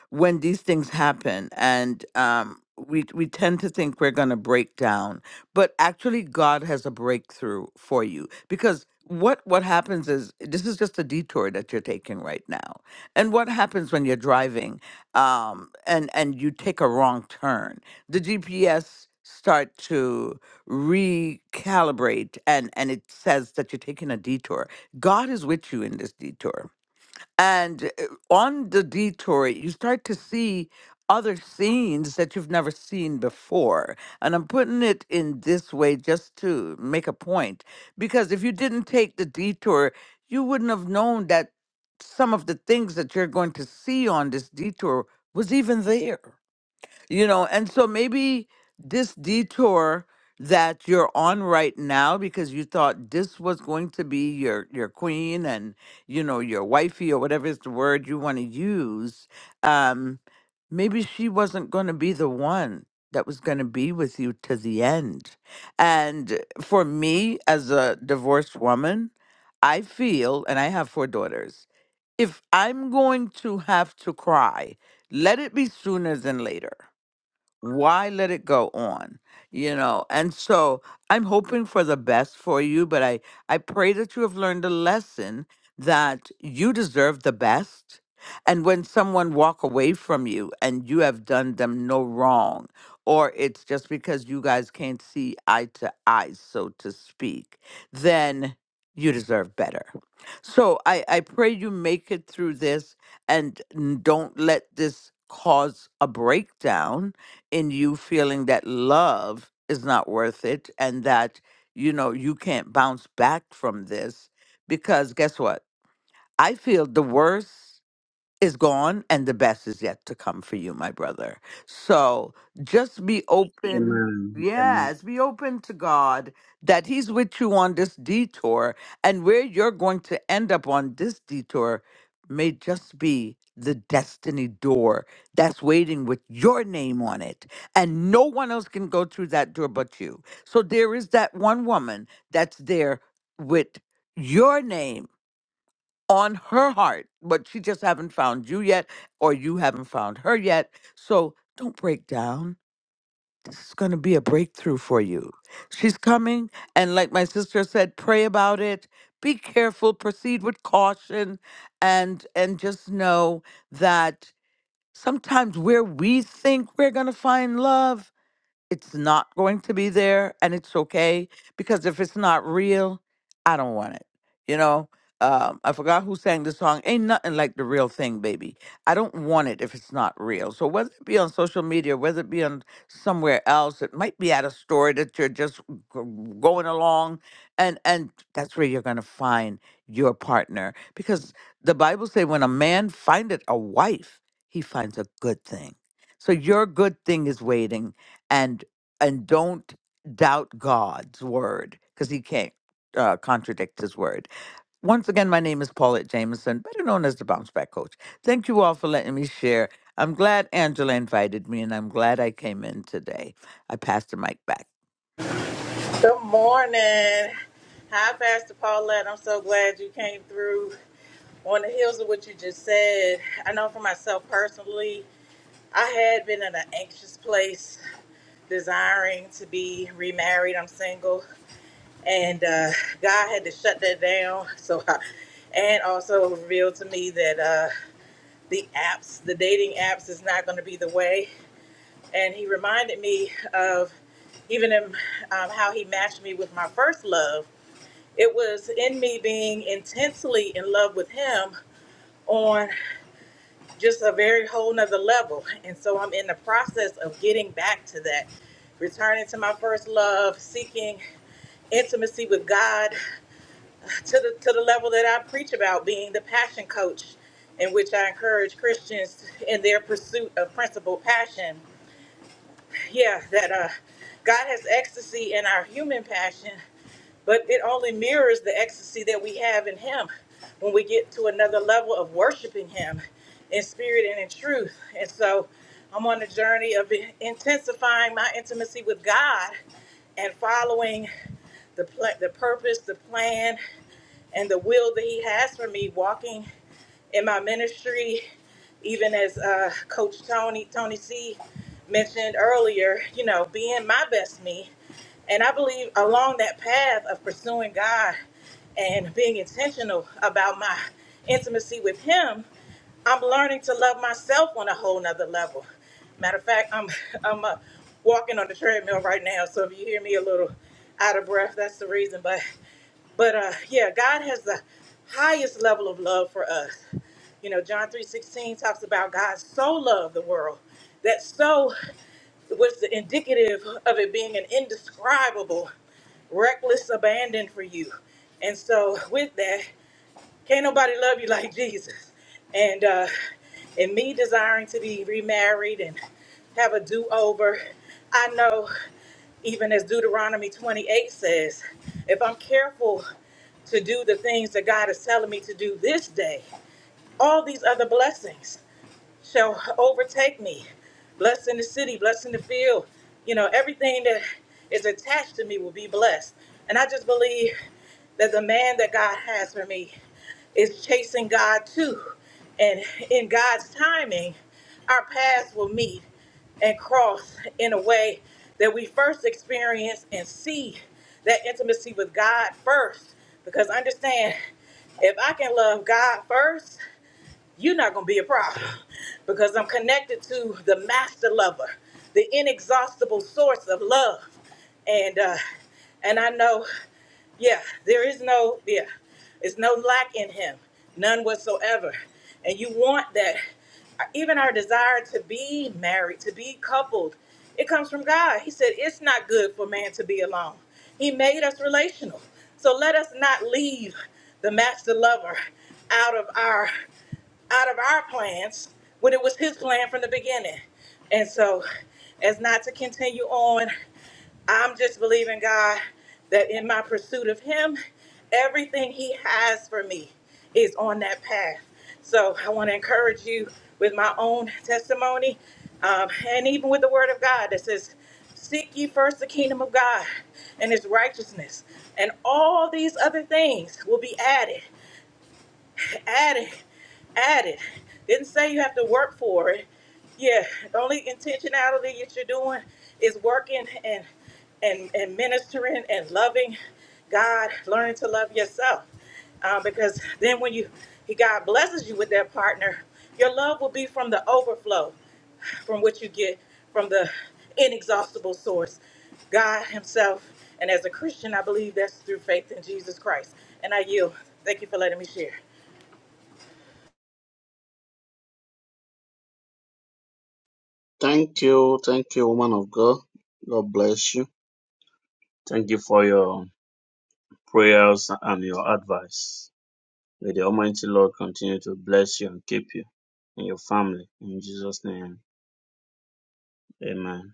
Speaker 5: when these things happen and um we we tend to think we're going to break down but actually god has a breakthrough for you because what what happens is this is just a detour that you're taking right now and what happens when you're driving um and and you take a wrong turn the gps start to recalibrate and and it says that you're taking a detour god is with you in this detour and uh, on the detour, you start to see other scenes that you've never seen before. And I'm putting it in this way just to make a point, because if you didn't take the detour, you wouldn't have known that some of the things that you're going to see on this detour was even there you know and so maybe this detour that you're on right now because you thought this was going to be your your queen and you know your wifey or whatever is the word you want to use um maybe she wasn't going to be the one that was going to be with you to the end and for me as a divorced woman i feel and i have four daughters if i'm going to have to cry let it be sooner than later why let it go on you know and so i'm hoping for the best for you but i i pray that you have learned a lesson that you deserve the best and when someone walk away from you and you have done them no wrong or it's just because you guys can't see eye to eye so to speak then you deserve better so I, I pray you make it through this and n- don't let this cause a breakdown in you feeling that love is not worth it and that, you know, you can't bounce back from this. Because guess what? I feel the worst is gone and the best is yet to come for you, my brother. So just be open.
Speaker 3: Amen. Amen.
Speaker 5: Yes, be open to God that He's with you on this detour. And where you're going to end up on this detour may just be the destiny door that's waiting with your name on it. And no one else can go through that door but you. So there is that one woman that's there with your name on her heart, but she just haven't found you yet, or you haven't found her yet. So don't break down. This is going to be a breakthrough for you. She's coming, and like my sister said, pray about it. Be careful. Proceed with caution, and and just know that sometimes where we think we're going to find love it's not going to be there and it's okay because if it's not real i don't want it you know um, i forgot who sang the song ain't nothing like the real thing baby i don't want it if it's not real so whether it be on social media whether it be on somewhere else it might be at a store that you're just g- going along and and that's where you're going to find your partner because the bible say when a man findeth a wife he finds a good thing so your good thing is waiting and and don't doubt God's word because he can't uh, contradict his word. Once again, my name is Paulette Jameson, better known as the Bounce Back Coach. Thank you all for letting me share. I'm glad Angela invited me, and I'm glad I came in today. I pass the mic back.
Speaker 2: Good morning. Hi, Pastor Paulette. I'm so glad you came through on the heels of what you just said. I know for myself personally, I had been in an anxious place desiring to be remarried. I'm single, and uh, God had to shut that down. So, I, and also revealed to me that uh, the apps, the dating apps, is not going to be the way. And He reminded me of even in, um, how He matched me with my first love. It was in me being intensely in love with Him on just a very whole nother level. And so I'm in the process of getting back to that returning to my first love, seeking intimacy with God to the to the level that I preach about being the passion coach in which I encourage Christians in their pursuit of principal passion. Yeah, that uh God has ecstasy in our human passion, but it only mirrors the ecstasy that we have in him when we get to another level of worshiping him in spirit and in truth. And so I'm on a journey of intensifying my intimacy with God and following the pl- the purpose, the plan, and the will that he has for me walking in my ministry even as uh, coach tony tony c mentioned earlier you know being my best me and i believe along that path of pursuing god and being intentional about my intimacy with him i'm learning to love myself on a whole nother level matter of fact i'm i'm uh, walking on the treadmill right now so if you hear me a little out of breath that's the reason But. But uh, yeah, God has the highest level of love for us. You know, John three sixteen talks about God so loved the world that so was the indicative of it being an indescribable, reckless abandon for you. And so, with that, can't nobody love you like Jesus. And uh, and me desiring to be remarried and have a do over, I know. Even as Deuteronomy 28 says, if I'm careful to do the things that God is telling me to do this day, all these other blessings shall overtake me. Blessed in the city, blessed in the field. You know, everything that is attached to me will be blessed. And I just believe that the man that God has for me is chasing God too. And in God's timing, our paths will meet and cross in a way that we first experience and see that intimacy with God first. Because understand, if I can love God first, you're not going to be a problem because I'm connected to the master lover, the inexhaustible source of love. And uh, and I know yeah, there is no, yeah, it's no lack in him, none whatsoever. And you want that. Even our desire to be married, to be coupled, it comes from God. He said, It's not good for man to be alone. He made us relational. So let us not leave the master lover out of our out of our plans when it was his plan from the beginning. And so as not to continue on. I'm just believing God that in my pursuit of Him, everything He has for me is on that path. So I want to encourage you with my own testimony um, and even with the Word of God that says, Seek ye first the kingdom of God and His righteousness, and all these other things will be added. Add it. Add it. Didn't say you have to work for it. Yeah, the only intentionality that you're doing is working and and and ministering and loving God, learning to love yourself. Uh, because then when you he God blesses you with that partner, your love will be from the overflow, from what you get from the inexhaustible source, God Himself. And as a Christian, I believe that's through faith in Jesus Christ. And I yield. Thank you for letting me share.
Speaker 3: Thank you, thank you, woman of God. God bless you. Thank you for your prayers and your advice. May the Almighty Lord continue to bless you and keep you and your family in Jesus' name. Amen.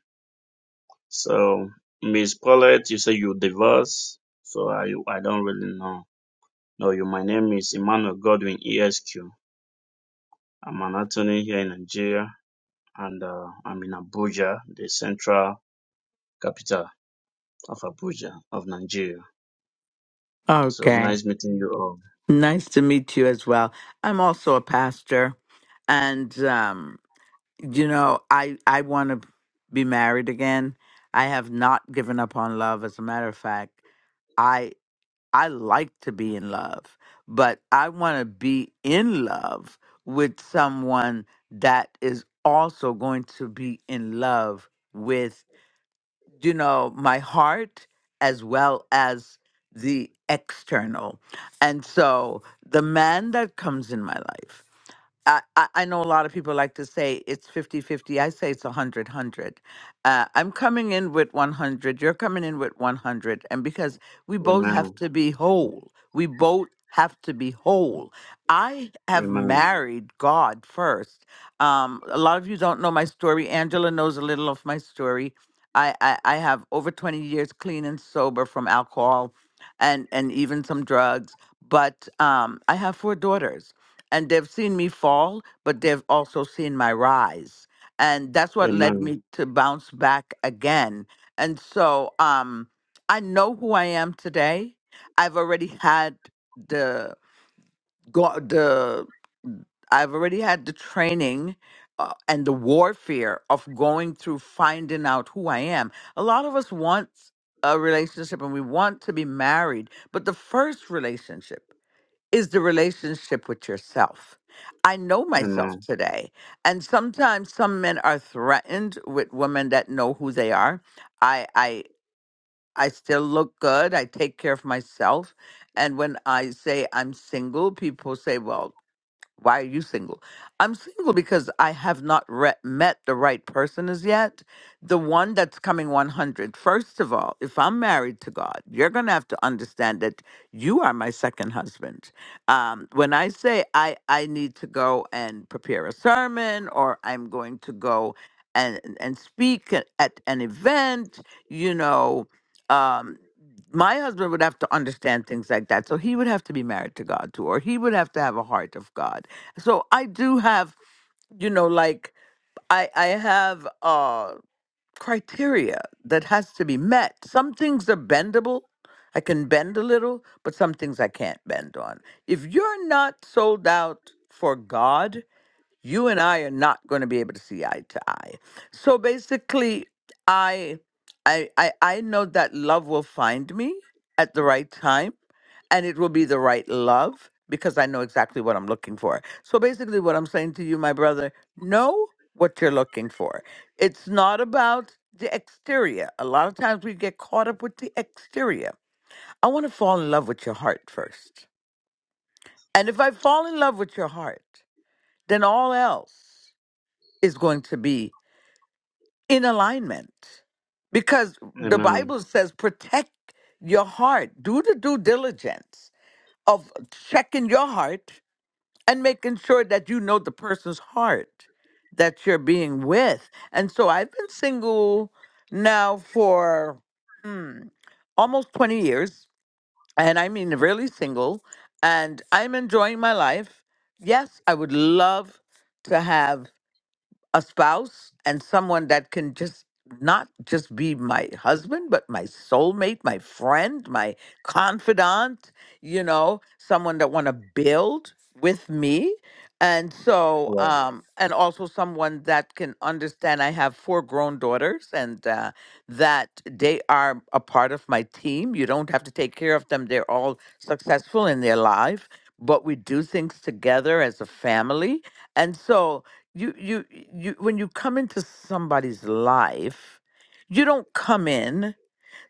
Speaker 3: So, Miss Paulette, you say you divorced. So I I don't really know. No, you. My name is Emmanuel Godwin ESQ. I'm an attorney here in Nigeria, and uh, I'm in Abuja, the central capital of Abuja of Nigeria. So
Speaker 5: Okay.
Speaker 3: nice meeting you all.
Speaker 5: Nice to meet you as well. I'm also a pastor and um you know, I I want to be married again. I have not given up on love as a matter of fact. I. I like to be in love, but I want to be in love with someone that is also going to be in love with, you know, my heart as well as the external. And so the man that comes in my life I, I I know a lot of people like to say it's 50 50. I say it's 100 100. Uh, I'm coming in with 100. You're coming in with 100. And because we both have
Speaker 3: Amen.
Speaker 5: to be whole, we both have to be whole. I have
Speaker 3: Amen.
Speaker 5: married God first. Um, a lot of you don't know my story. Angela knows a little of my story. I, I, I have over 20 years clean and sober from alcohol and, and even some drugs. But um, I have four daughters and they've seen me fall, but they've also seen my rise. And that's what led
Speaker 3: Amen.
Speaker 5: me to bounce back again. And so um, I know who I am today. I've already had the go- the I've already had the training uh, and the warfare of going through finding out who I am. A lot of us want a relationship and we want to be married, but the first relationship is the relationship with yourself. I know myself
Speaker 3: Amen.
Speaker 5: today. And sometimes some men are threatened with women that know who they are. I I I still look good. I take care of myself. And when I say I'm single, people say, "Well, why are you single? I'm single because I have not re- met the right person as yet. The one that's coming 100. First of all, if I'm married to God, you're going to have to understand that you are my second husband. Um, when I say I, I need to go and prepare a sermon or I'm going to go and, and speak at at an event, you know, um, my husband would have to understand things like that. So he would have to be married to God too, or he would have to have a heart of God so i do have you know like i i have uh criteria that has to be met some things are bendable i can bend a little but some things i can't bend on if you're not sold out for god you and I are not going to be able to see eye to eye. So basically, I, I, I, I know that love will find me at the right time, and it will be the right love because I know exactly what I'm looking for. So basically, what I'm saying to you, my brother, know what you're looking for. It's not about the exterior. A lot of times we get caught up with the exterior. I want to fall in love with your heart first. And if I fall in love with your heart, then all else is going to be in alignment because the
Speaker 3: Amen.
Speaker 5: bible says protect your heart do the due diligence of checking your heart and making sure that you know the person's heart that you're being with and so i've been single now for almost 20 years and i mean really single and i'm enjoying my life yes i would love to have a spouse and someone that can just not just be my husband, but my soulmate, my friend, my confidant, you know, someone that want to build with me. And so,
Speaker 3: Wow.
Speaker 5: um, and also someone that can understand. I have four grown daughters, and uh, that they are a part of my team. You don't have to take care of them, they're all successful in their life, but we do things together as a family. And so, you you you when you come into somebody's life you don't come in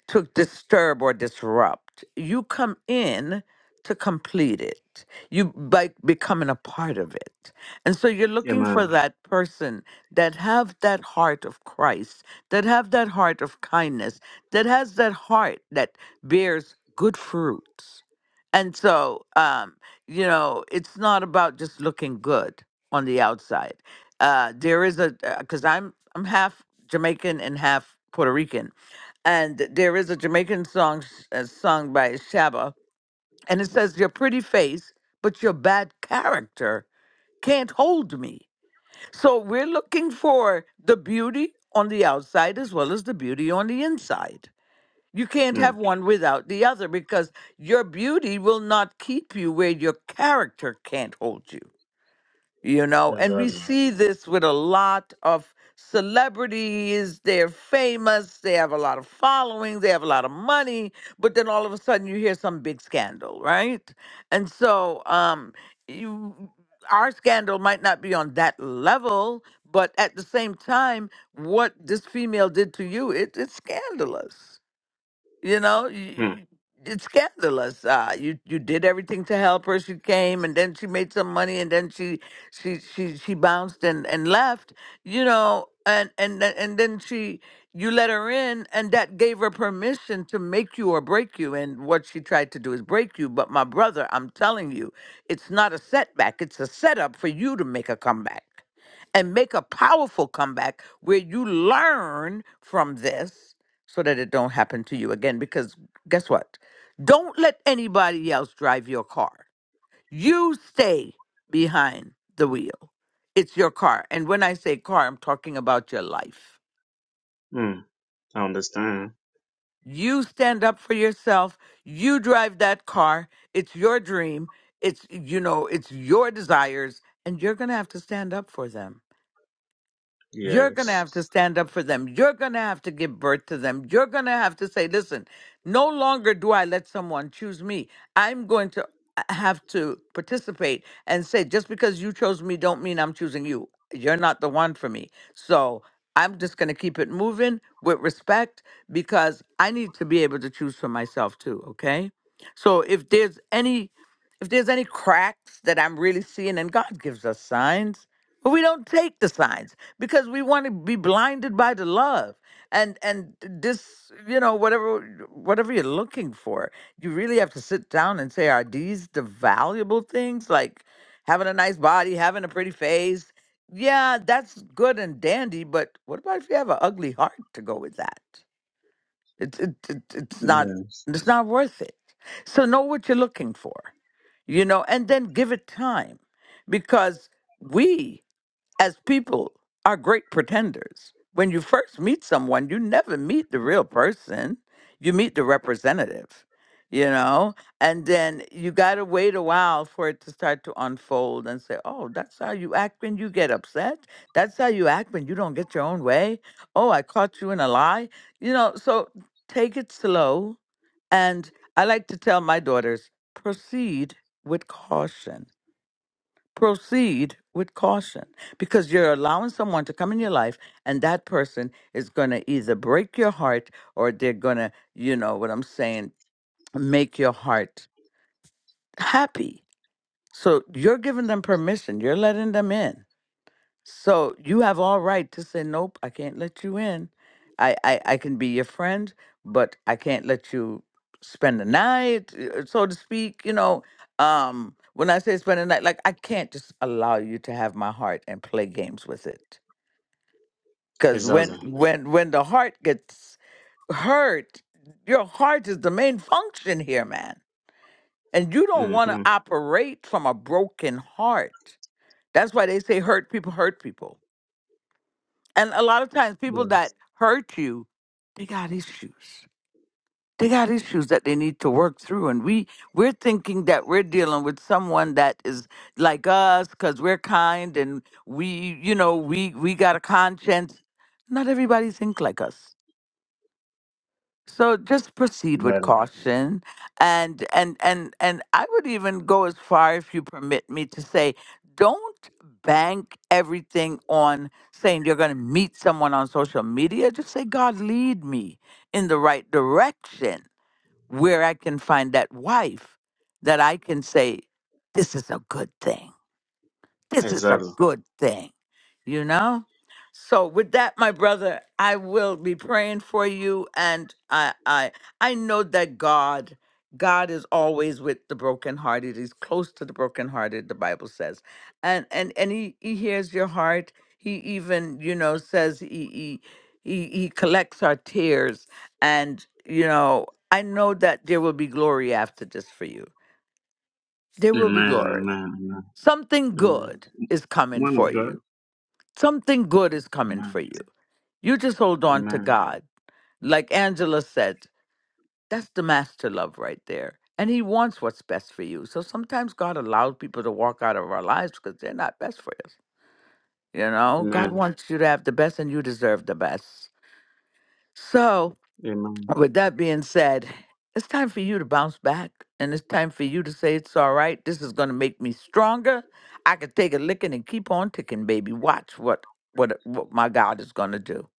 Speaker 5: to disturb or disrupt. You come in to complete it. You by becoming a part of it. And so you're looking
Speaker 3: Amen.
Speaker 5: for that person that have that heart of Christ, that have that heart of kindness, that has that heart that bears good fruits. And so um, you know, it's not about just looking good on the outside. Uh there is a because I'm I'm half Jamaican and half Puerto Rican. And there is a Jamaican song s- uh, sung by Shaba, and it says, Your pretty face, but your bad character can't hold me. So we're looking for the beauty on the outside as well as the beauty on the inside. You can't have
Speaker 3: Mm,
Speaker 5: one without the other because your beauty will not keep you where your character can't hold you you know and we
Speaker 3: exactly.
Speaker 5: see this with a lot of celebrities they're famous they have a lot of following they have a lot of money but then all of a sudden you hear some big scandal right and so um you our scandal might not be on that level but at the same time what this female did to you it, it's scandalous you know,
Speaker 3: Mm,
Speaker 5: you, it's scandalous. Uh, you you did everything to help her. She came, and then she made some money, and then she she she she bounced and and left. You know, and and th- and then she you let her in, and that gave her permission to make you or break you. And what she tried to do is break you. But my brother, I'm telling you, it's not a setback. It's a setup for you to make a comeback and make a powerful comeback where you learn from this so that it don't happen to you again because guess what don't let anybody else drive your car you stay behind the wheel it's your car and when i say car i'm talking about your life
Speaker 3: mm, I understand.
Speaker 5: you stand up for yourself you drive that car it's your dream it's you know it's your desires and you're going to have to stand up for them You're going to
Speaker 3: Yes.
Speaker 5: have to stand up for them. You're going to have to give birth to them. You're going to have to say, listen, no longer do I let someone choose me. I'm going to uh, have to participate and say, just because you chose me, don't mean I'm choosing you. You're not the one for me. So I'm just going to keep it moving with respect because I need to be able to choose for myself too. Okay. So if there's any, if there's any cracks that I'm really seeing, and God gives us signs, but we don't take the signs because we want to be blinded by the love. And and this, you know, whatever whatever you're looking for, you really have to sit down and say, are these the valuable things? Like having a nice body, having a pretty face. Yeah, that's good and dandy, but what about if you have an ugly heart to go with that? It, it, it it's not
Speaker 3: Yes.
Speaker 5: it's not worth it. So know what you're looking for, you know, and then give it time because we as people are great pretenders. When you first meet someone, you never meet the real person, you meet the representative, you know? And then you got to wait a while for it to start to unfold and say, oh, that's how you act when you get upset. That's how you act when you don't get your own way. Oh, I caught you in a lie. You know, so take it slow. And I like to tell my daughters, proceed with caution proceed with caution because you're allowing someone to come in your life and that person is going to either break your heart or they're going to you know what i'm saying make your heart happy so you're giving them permission you're letting them in so you have all right to say, nope, I can't let you in. I, I, I can be your friend, but I can't let you spend the night, uh, uh, so to speak. You know, um, when I say spend the night, like I can't just allow you to have my heart and play games with it. Because when
Speaker 3: Exactly.
Speaker 5: when when the heart gets hurt, your heart is the main function here, man. And you don't want
Speaker 3: Hmm.
Speaker 5: to operate from a broken heart. That's why they say hurt people hurt people And a lot of times, people
Speaker 3: Yeah,
Speaker 5: that hurt you, they got issues. They got issues that they need to work through, and we we're thinking that we're dealing with someone that is like us because we're kind and we, you know, we we got a conscience. Not everybody think like us. So just proceed with
Speaker 3: got it.
Speaker 5: caution and and and and I would even go as far if you permit me to say don't bank everything on saying you're going to meet someone on social media just say God lead me in the right direction where I can find that wife that I can say this is a good thing this is a
Speaker 3: Exactly.
Speaker 5: good thing, you know? So with that, my brother, I will be praying for you and I I I know that God God is always with the brokenhearted. He's close to the brokenhearted, the Bible says. And and and he, he hears your heart. He even, you know, says he he he, he collects our tears and you know, I know that there will be glory after this for you. There will be
Speaker 3: Amen,
Speaker 5: glory.
Speaker 3: amen, amen,
Speaker 5: Something
Speaker 3: amen.
Speaker 5: good is coming
Speaker 3: Man
Speaker 5: for
Speaker 3: of God.
Speaker 5: you. Something good is coming for
Speaker 3: Amen,
Speaker 5: you. You just hold on to
Speaker 3: amen,
Speaker 5: God. Like Angela said, that's the master love right there. And He wants what's best for you. So sometimes God allows people to walk out of our lives because they're not best for us. You know, God
Speaker 3: amen,
Speaker 5: wants you to have the best and you deserve the best. So
Speaker 3: amen,
Speaker 5: With that being said, it's time for you to bounce back and it's time for you to say it's all right. This is going to make me stronger. I could take a licking and keep on ticking, baby. Watch what what what my God is going to do.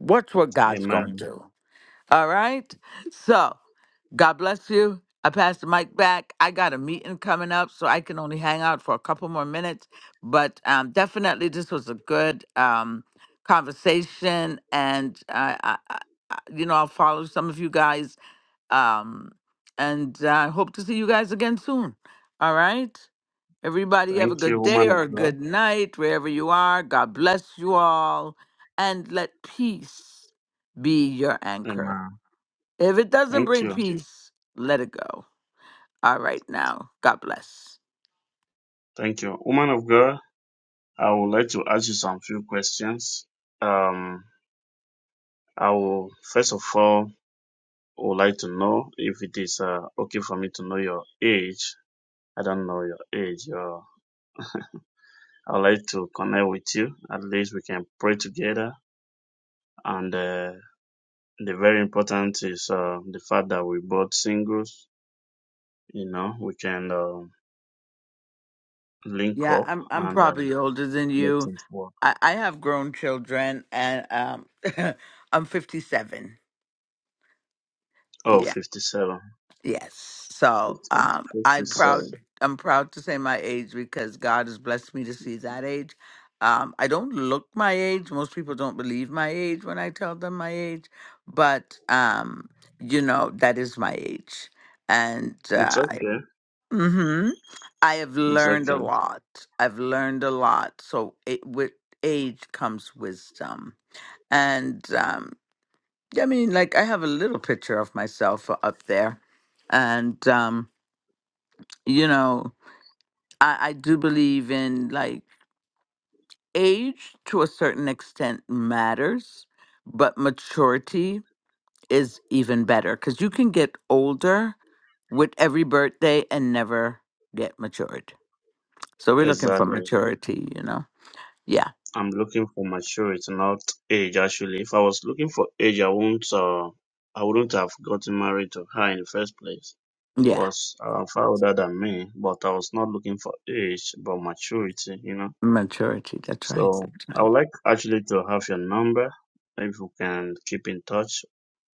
Speaker 5: Watch what God's going to
Speaker 3: amen.
Speaker 5: do. All right. So, God bless you. I pass the mic back. I got a meeting coming up, so I can only hang out for a couple more minutes. But um, definitely, this was a good um, conversation, and I, I, I, I- you know, I'll follow some of you guys, um, and I hope to see you guys again soon. All right. Everybody, have a
Speaker 3: Thank you,
Speaker 5: good day
Speaker 3: woman of
Speaker 5: or a
Speaker 3: God.
Speaker 5: good night wherever you are. God bless you all, and let peace be your anchor.
Speaker 3: Amen.
Speaker 5: If it doesn't
Speaker 3: Thank
Speaker 5: bring
Speaker 3: you,
Speaker 5: peace, let it go. All right now. God bless.
Speaker 3: thank you. Woman of God, I would like to ask you some few questions. Um, I will, first of all, would like to know if it is uh, okay for me to know your age. I don't know your age. Your, I would like to connect with you. At least we can pray together and uh, the very important is uh, the fact that we both singles, you know, we can uh, link
Speaker 5: Yeah,
Speaker 3: up
Speaker 5: I'm I'm
Speaker 3: and uh,
Speaker 5: probably older than
Speaker 3: make
Speaker 5: you.
Speaker 3: things work.
Speaker 5: I, I have grown children and um I'm fifty seven.
Speaker 3: Oh,
Speaker 5: Yeah.
Speaker 3: 57.
Speaker 5: Yes. So
Speaker 3: Fif-
Speaker 5: um I'm proud
Speaker 3: 57.
Speaker 5: I'm proud to say my age because God has blessed me to see that age. Um, I don't look my age. Most people don't believe my age when I tell them my age, but um, you know, that is my age and
Speaker 3: It's
Speaker 5: uh,
Speaker 3: okay.
Speaker 5: Mm-hmm. I have
Speaker 3: It's
Speaker 5: learned a
Speaker 3: okay.
Speaker 5: lot. I've learned a lot. So it, with age comes wisdom. And um, yeah, I mean, like, I have a little picture of myself uh, up there. And, um, you know, I, I do believe in like age to a certain extent matters, but maturity is even better because you can get older with every birthday and never get matured. So we're looking for
Speaker 3: Exactly.
Speaker 5: maturity, you know. Yeah,
Speaker 3: I'm looking for maturity, not age actually. If I was looking for age, I won't uh, I wouldn't have gotten married to her in the first place. She
Speaker 5: yeah,
Speaker 3: was uh, far older than me, but I was not looking for age, but maturity, you know.
Speaker 5: maturity. That's right.
Speaker 3: So
Speaker 5: That's
Speaker 3: I
Speaker 5: right.
Speaker 3: would like actually to have your number. Maybe we can keep in touch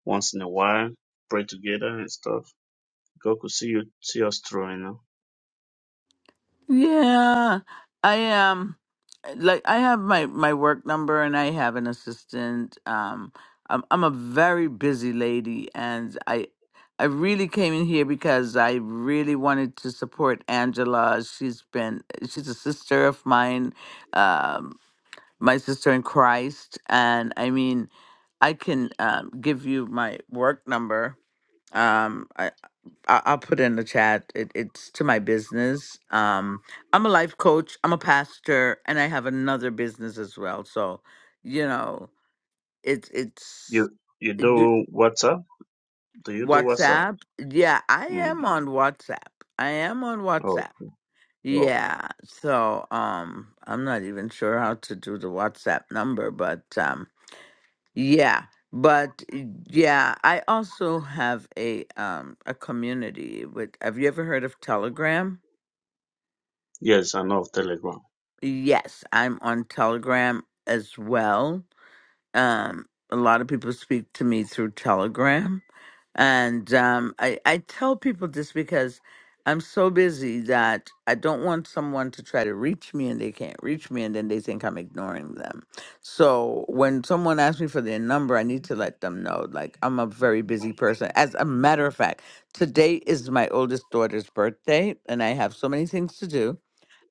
Speaker 3: once in a while, pray together and stuff. God could see you see us through, you know.
Speaker 5: Yeah, I am. like I have my my work number and I have an assistant. Um, I'm I'm a very busy lady, and I I really came in here because I really wanted to support Angela. She's been she's a sister of mine, um, my sister in Christ, and I mean, I can um, give you my work number. Um, I, I'll put it in the chat. It, it's to my business. Um, I'm a life coach. I'm a pastor, and I have another business as well. So, you know, it's it's
Speaker 3: You you
Speaker 5: you-
Speaker 3: do WhatsApp? Do you do WhatsApp?
Speaker 5: WhatsApp. Yeah, I
Speaker 3: Mm.
Speaker 5: am on WhatsApp. I am on
Speaker 3: Oh,
Speaker 5: WhatsApp.
Speaker 3: oh.
Speaker 5: Yeah. So, um, I'm not even sure how to do the WhatsApp number, but um, yeah. But yeah, I also have a um a community with. Have you ever heard of Telegram?
Speaker 3: Yes, I know of Telegram.
Speaker 5: Yes, I'm on Telegram as well. Um, a lot of people speak to me through Telegram, and um, I I tell people this because I'm so busy that I don't want someone to try to reach me and they can't reach me, and then they think I'm ignoring them. So when someone asks me for their number, I need to let them know. Like I'm a very busy person. As a matter of fact, today is my oldest daughter's birthday, and I have so many things to do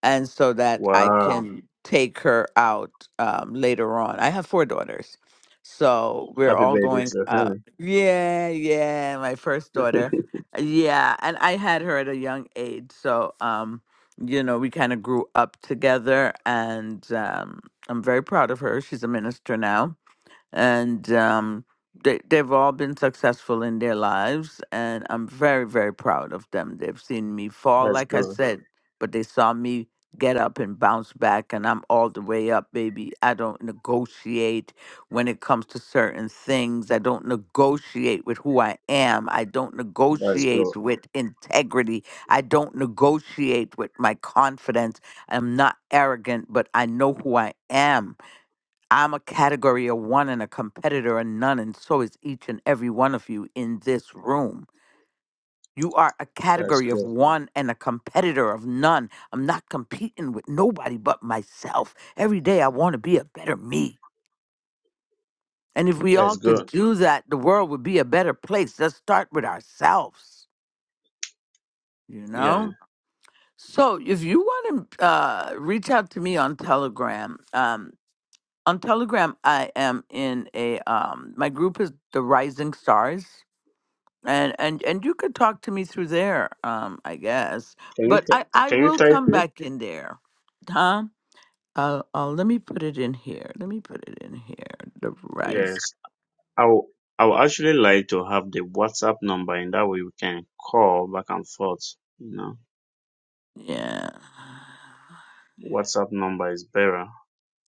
Speaker 5: and so that I
Speaker 3: Wow.
Speaker 5: can take her out um, later on. I have four daughters, so we're
Speaker 3: Happy
Speaker 5: all
Speaker 3: birthday
Speaker 5: going.
Speaker 3: to
Speaker 5: Uh,
Speaker 3: him.
Speaker 5: yeah, yeah, my first daughter. Yeah, and I had her at a young age, so um, you know we kind of grew up together, and um, I'm very proud of her. She's a minister now and um, they, they've all been successful in their lives and i'm very very proud of them they've seen me fall
Speaker 3: That's
Speaker 5: like i
Speaker 3: good.
Speaker 5: said but they saw me get up and bounce back and i'm all the way up baby i don't negotiate when it comes to certain things i don't negotiate with who i am i don't
Speaker 3: That's good.
Speaker 5: negotiate with integrity i don't negotiate with my confidence i'm not arrogant but i know who i am I'm a category of one and a competitor of none, and so is each and every one of you in this room. You are a
Speaker 3: That's
Speaker 5: category of
Speaker 3: good.
Speaker 5: one and a competitor of none. I'm not competing with nobody but myself. Every day I want to be a better me. And if we
Speaker 3: That's
Speaker 5: all could
Speaker 3: good.
Speaker 5: do that, the world would be a better place. Let's start with ourselves, you
Speaker 3: Yeah.
Speaker 5: know? So if you want to uh, reach out to me on Telegram, um, on Telegram, I am in a um my group is the Rising Stars. and and and you could talk to me through there um i guess
Speaker 3: Can you
Speaker 5: but i
Speaker 3: t-
Speaker 5: i
Speaker 3: can you
Speaker 5: will
Speaker 3: type
Speaker 5: come
Speaker 3: it?
Speaker 5: back in there huh uh, uh let me put it in here let me put it in here the rice
Speaker 3: Yes. I would I would actually like to have the WhatsApp number, and that way we can call back and forth. You know,
Speaker 5: yeah
Speaker 3: WhatsApp number is better.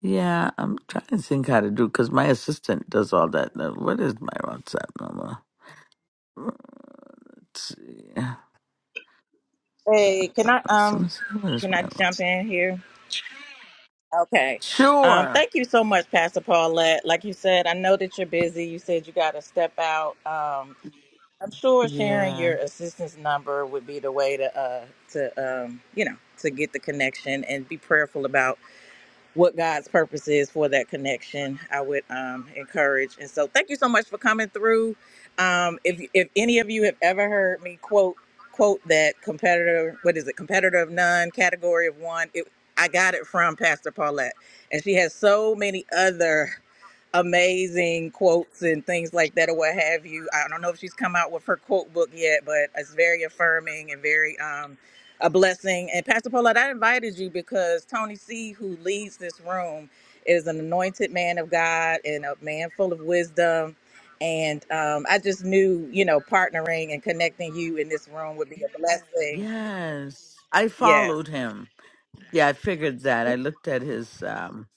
Speaker 5: yeah i'm trying to think how to do because my assistant does all that Uh, what is my whatsapp number let's see
Speaker 2: Hey, can I
Speaker 5: let's, let
Speaker 2: um
Speaker 5: me see what is
Speaker 2: can I
Speaker 5: my
Speaker 2: jump
Speaker 5: WhatsApp?
Speaker 2: in here? Okay. Um,
Speaker 5: sure
Speaker 2: thank you so much, Pastor Paulette. Like you said, I know that you're busy. You said you got to step out. Um, I'm sure sharing
Speaker 5: yeah
Speaker 2: your assistance number would be the way to, uh, to um, you know, to get the connection and be prayerful about what God's purpose is for that connection, I would um, encourage. And so, thank you so much for coming through. Um, if if any of you have ever heard me quote quote that competitor, what is it, competitor of none, category of one, it, I got it from Pastor Paulette, and she has so many other amazing quotes and things like that or what have you. I don't know if she's come out with her quote book yet, but it's very affirming and very um a blessing. And Pastor Paulette, I invited you because Tony C, who leads this room, is an anointed man of God and a man full of wisdom. And um, I just knew, you know, partnering and connecting you in this room would be a blessing.
Speaker 5: yes i
Speaker 2: Yes.
Speaker 5: followed him yeah i figured that i looked at his um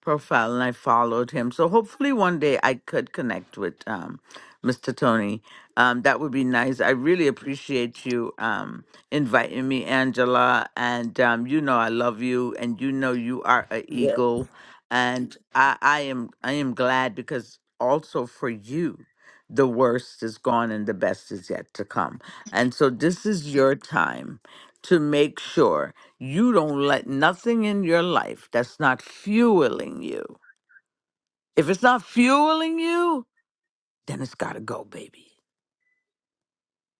Speaker 5: profile and I followed him. So hopefully one day I could connect with um, Mr. Tony. Um, that would be nice. I really appreciate you um, inviting me, Angela. And um, you know I love you, and you know you are a eagle. And I, I am I am glad because also for you, the worst is gone and the best is yet to come. And so this is your time to make sure you don't let nothing in your life that's not fueling you. If it's not fueling you, then it's got to go, baby,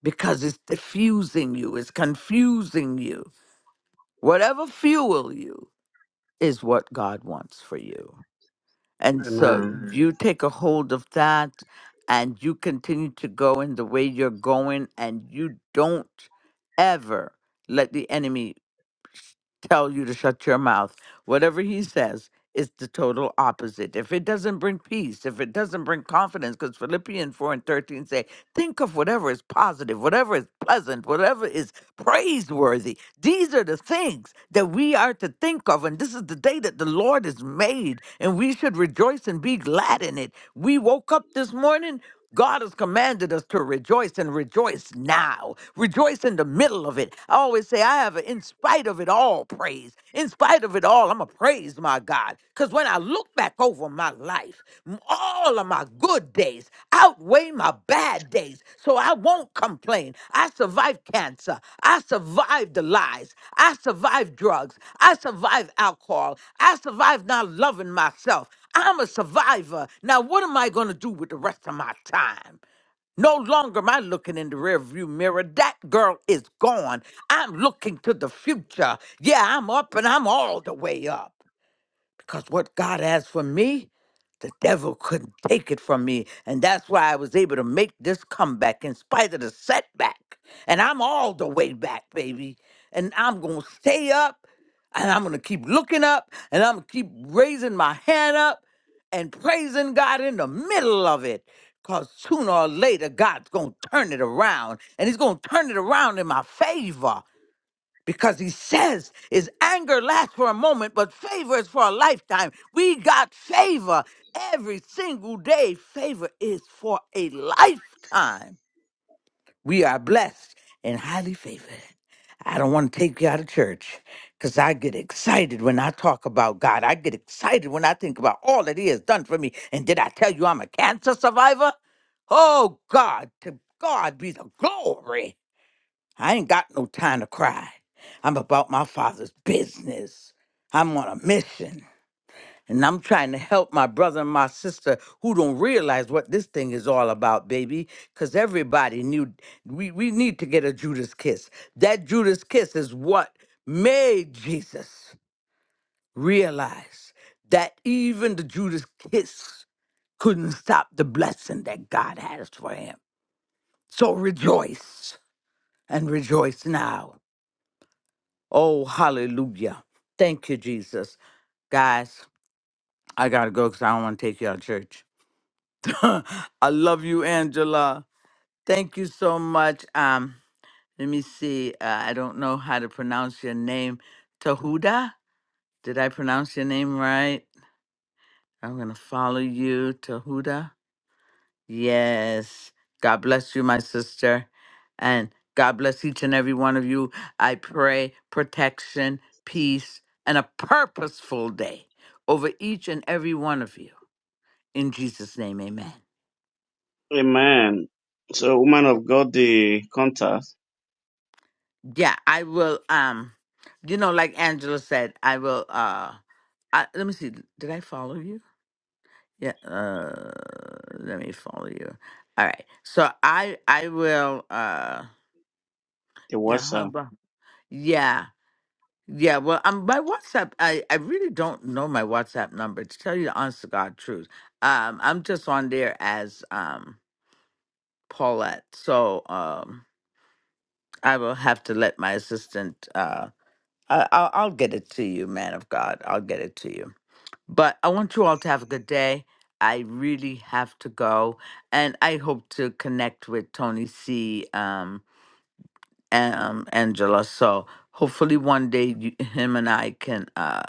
Speaker 5: because it's diffusing you, it's confusing you. Whatever fuel you is what God wants for you. And so
Speaker 3: Amen.
Speaker 5: Mhm. you take a hold of that and you continue to go in the way you're going, and you don't ever let the enemy tell you to shut your mouth. Whatever he says is the total opposite. If it doesn't bring peace, if it doesn't bring confidence, because Philippians 4 and 13 say, think of whatever is positive, whatever is pleasant, whatever is praiseworthy. These are the things that we are to think of. And this is the day that the Lord has made, and we should rejoice and be glad in it. We woke up this morning. God has commanded us to rejoice and rejoice now. Rejoice in the middle of it. I always say, I have, a, in spite of it all, praise. In spite of it all, I'm a praise my God. Because when I look back over my life, m- all of my good days outweigh my bad days. So I won't complain. I survived cancer. I survived the lies. I survived drugs. I survived alcohol. I survived not loving myself. I'm a survivor. Now, what am I going to do with the rest of my time? No longer am I looking in the rearview mirror. That girl is gone. I'm looking to the future. Yeah, I'm up and I'm all the way up because what God has for me, the devil couldn't take it from me. And that's why I was able to make this comeback in spite of the setback. And I'm all the way back, baby. And I'm going to stay up and I'm going to keep looking up and I'm going to keep raising my hand up and praising God in the middle of it. Because sooner or later, God's going to turn it around and He's going to turn it around in my favor because he says his anger lasts for a moment, but favor is for a lifetime. We got favor every single day. Favor is for a lifetime. We are blessed and highly favored. I don't want to take you out of church because I get excited when I talk about God. I get excited when I think about all that He has done for me. And did I tell you I'm a cancer survivor? Oh, God, to God be the glory. I ain't got no time to cry. I'm about my father's business. I'm on a mission. And I'm trying to help my brother and my sister who don't realize what this thing is all about, baby. Because everybody knew we, we need to get a Judas kiss. That Judas kiss is what made Jesus realize that even the Judas kiss couldn't stop the blessing that God has for him. So rejoice and rejoice now Oh, hallelujah. Thank you, Jesus. Guys, I got to go because I don't want to take you out of church. I love you, Angela. Thank you so much. Um, Let me see. Uh, I don't know how to pronounce your name. Tahuda? Did I pronounce your name right? I'm going to follow you, Tahuda. Yes. God bless you, my sister. And God bless each and every one of you. I pray protection, peace, and a purposeful day over each and every one of you. In Jesus' name, amen.
Speaker 3: Amen. So, woman of God, the contact,
Speaker 5: Yeah, I will um you know, like Angela said, I will uh I, let me see, did I follow you? Yeah, uh let me follow you. All right. So I I will uh
Speaker 3: the
Speaker 5: yeah, how
Speaker 3: WhatsApp,
Speaker 5: about yeah. Yeah, well, um, my WhatsApp, I, I really don't know my WhatsApp number to tell you the honest to God truth. Um, I'm just on there as um Paulette, so um, I will have to let my assistant. Uh, I, I'll, I'll get it to you, man of God. I'll get it to you. But I want you all to have a good day. I really have to go, and I hope to connect with Tony C. Um, and um, Angela. So hopefully one day you, him and I can. uh.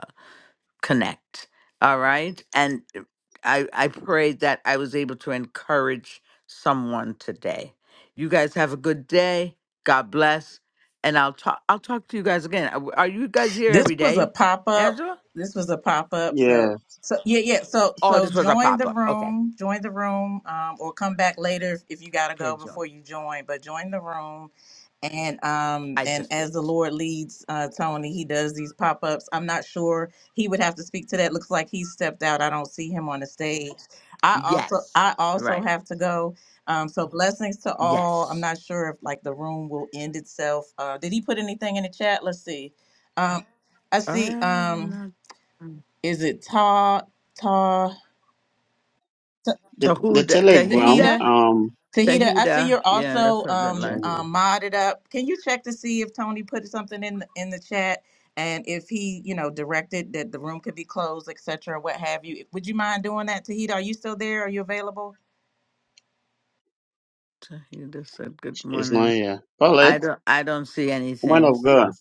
Speaker 5: connect. All right. And uh, I, I pray that I was able to encourage someone today. You guys have a good day. God bless. And I'll talk I'll talk to you guys again. Are are you guys here
Speaker 2: This
Speaker 5: every
Speaker 2: was a
Speaker 5: day,
Speaker 2: pop up.
Speaker 5: Angela?
Speaker 2: This was a pop up. So
Speaker 3: yeah,
Speaker 2: so yeah yeah. So
Speaker 5: Oh,
Speaker 2: so
Speaker 5: this was a
Speaker 2: join
Speaker 5: pop
Speaker 2: the
Speaker 5: up. Okay.
Speaker 2: room. Join the room. Um, or come back later if, if you gotta
Speaker 5: Okay,
Speaker 2: go
Speaker 5: Joan.
Speaker 2: before you join. But join the room. And um
Speaker 5: I
Speaker 2: and
Speaker 5: just
Speaker 2: as
Speaker 5: did.
Speaker 2: the Lord leads uh Tony, he does these pop ups. I'm not sure he would have to speak to that. Looks like he stepped out. I don't see him on the stage. I also
Speaker 5: Yes.
Speaker 2: I also
Speaker 5: Right.
Speaker 2: have to go. Um so blessings to all. I'm
Speaker 5: Yes.
Speaker 2: not sure if like the room will end itself. Uh did he put anything in the chat? Let's see. Um, I see.
Speaker 5: Um,
Speaker 2: Um,
Speaker 5: not- mm.
Speaker 2: is it Ta Ta Ta-
Speaker 3: the the
Speaker 5: Tahuda
Speaker 3: Telegram,
Speaker 5: Tahida.
Speaker 2: Tahita?
Speaker 3: um,
Speaker 2: Tahita, I see
Speaker 5: Tahida.
Speaker 2: you're
Speaker 5: Yeah, that's
Speaker 2: also
Speaker 5: her
Speaker 2: um,
Speaker 5: deadline.
Speaker 3: Telegram
Speaker 2: um modded up. Can you check to see if Tony put something in the, in the chat and if he, you know, directed that the room could be closed, etc., what have you? Would you mind doing that, Tahita? Are you still there? Are you available?
Speaker 5: Tahida said good
Speaker 3: is
Speaker 5: morning.
Speaker 3: not here.
Speaker 5: I
Speaker 3: Paulette,
Speaker 5: don't I don't see
Speaker 3: woman
Speaker 5: anything.
Speaker 3: of
Speaker 5: So
Speaker 3: God,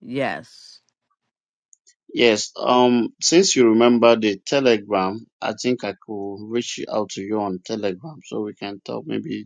Speaker 5: yes.
Speaker 3: yes. Um, since you remember the Telegram, I think I could reach out to you on Telegram so we can talk maybe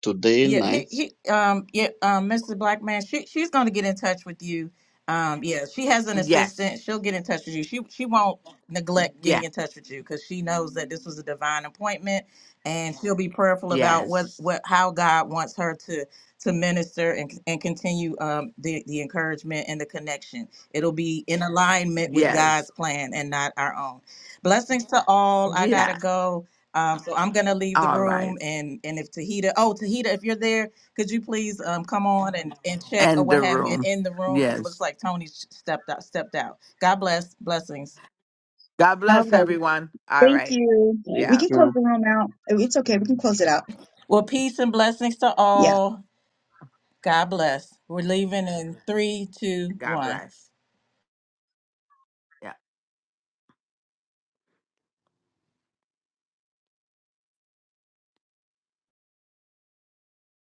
Speaker 3: today
Speaker 2: Yeah, he,
Speaker 3: night.
Speaker 2: he um yeah um Mr. Black Man, she she's gonna get in touch with you. Um yeah, she has an
Speaker 5: Yes.
Speaker 2: assistant. She'll get in touch with you. She she won't neglect getting
Speaker 5: Yeah.
Speaker 2: in touch with you because she knows that this was a divine appointment, and she'll be prayerful about what
Speaker 5: Yes.
Speaker 2: what how God wants her to to minister and and continue um the the encouragement and the connection. It'll be in alignment with
Speaker 5: Yes.
Speaker 2: God's plan and not our own. Blessings to all. I gotta
Speaker 5: Yeah.
Speaker 2: go. Um, so I'm gonna leave the
Speaker 5: All right.
Speaker 2: room and, and if Tahita, oh, Tahita, if you're there, could you please, um, come on and, and check or
Speaker 5: And
Speaker 2: what
Speaker 5: the
Speaker 2: have you and
Speaker 5: room.
Speaker 2: in the room? Cause it looks
Speaker 5: Yes.
Speaker 2: like Tony s- stepped out, stepped out. God bless, blessings.
Speaker 5: God
Speaker 4: All
Speaker 5: bless
Speaker 4: right.
Speaker 5: everyone. All
Speaker 4: Thank
Speaker 5: right.
Speaker 4: you.
Speaker 3: Thank
Speaker 4: We
Speaker 5: Yeah.
Speaker 4: can
Speaker 3: you.
Speaker 4: close the room out. Oh, It's okay. We can close it out.
Speaker 2: Well, peace and blessings to
Speaker 4: Yeah.
Speaker 2: all. God bless. We're leaving in three, two,
Speaker 5: God
Speaker 2: one.
Speaker 5: bless. Yeah.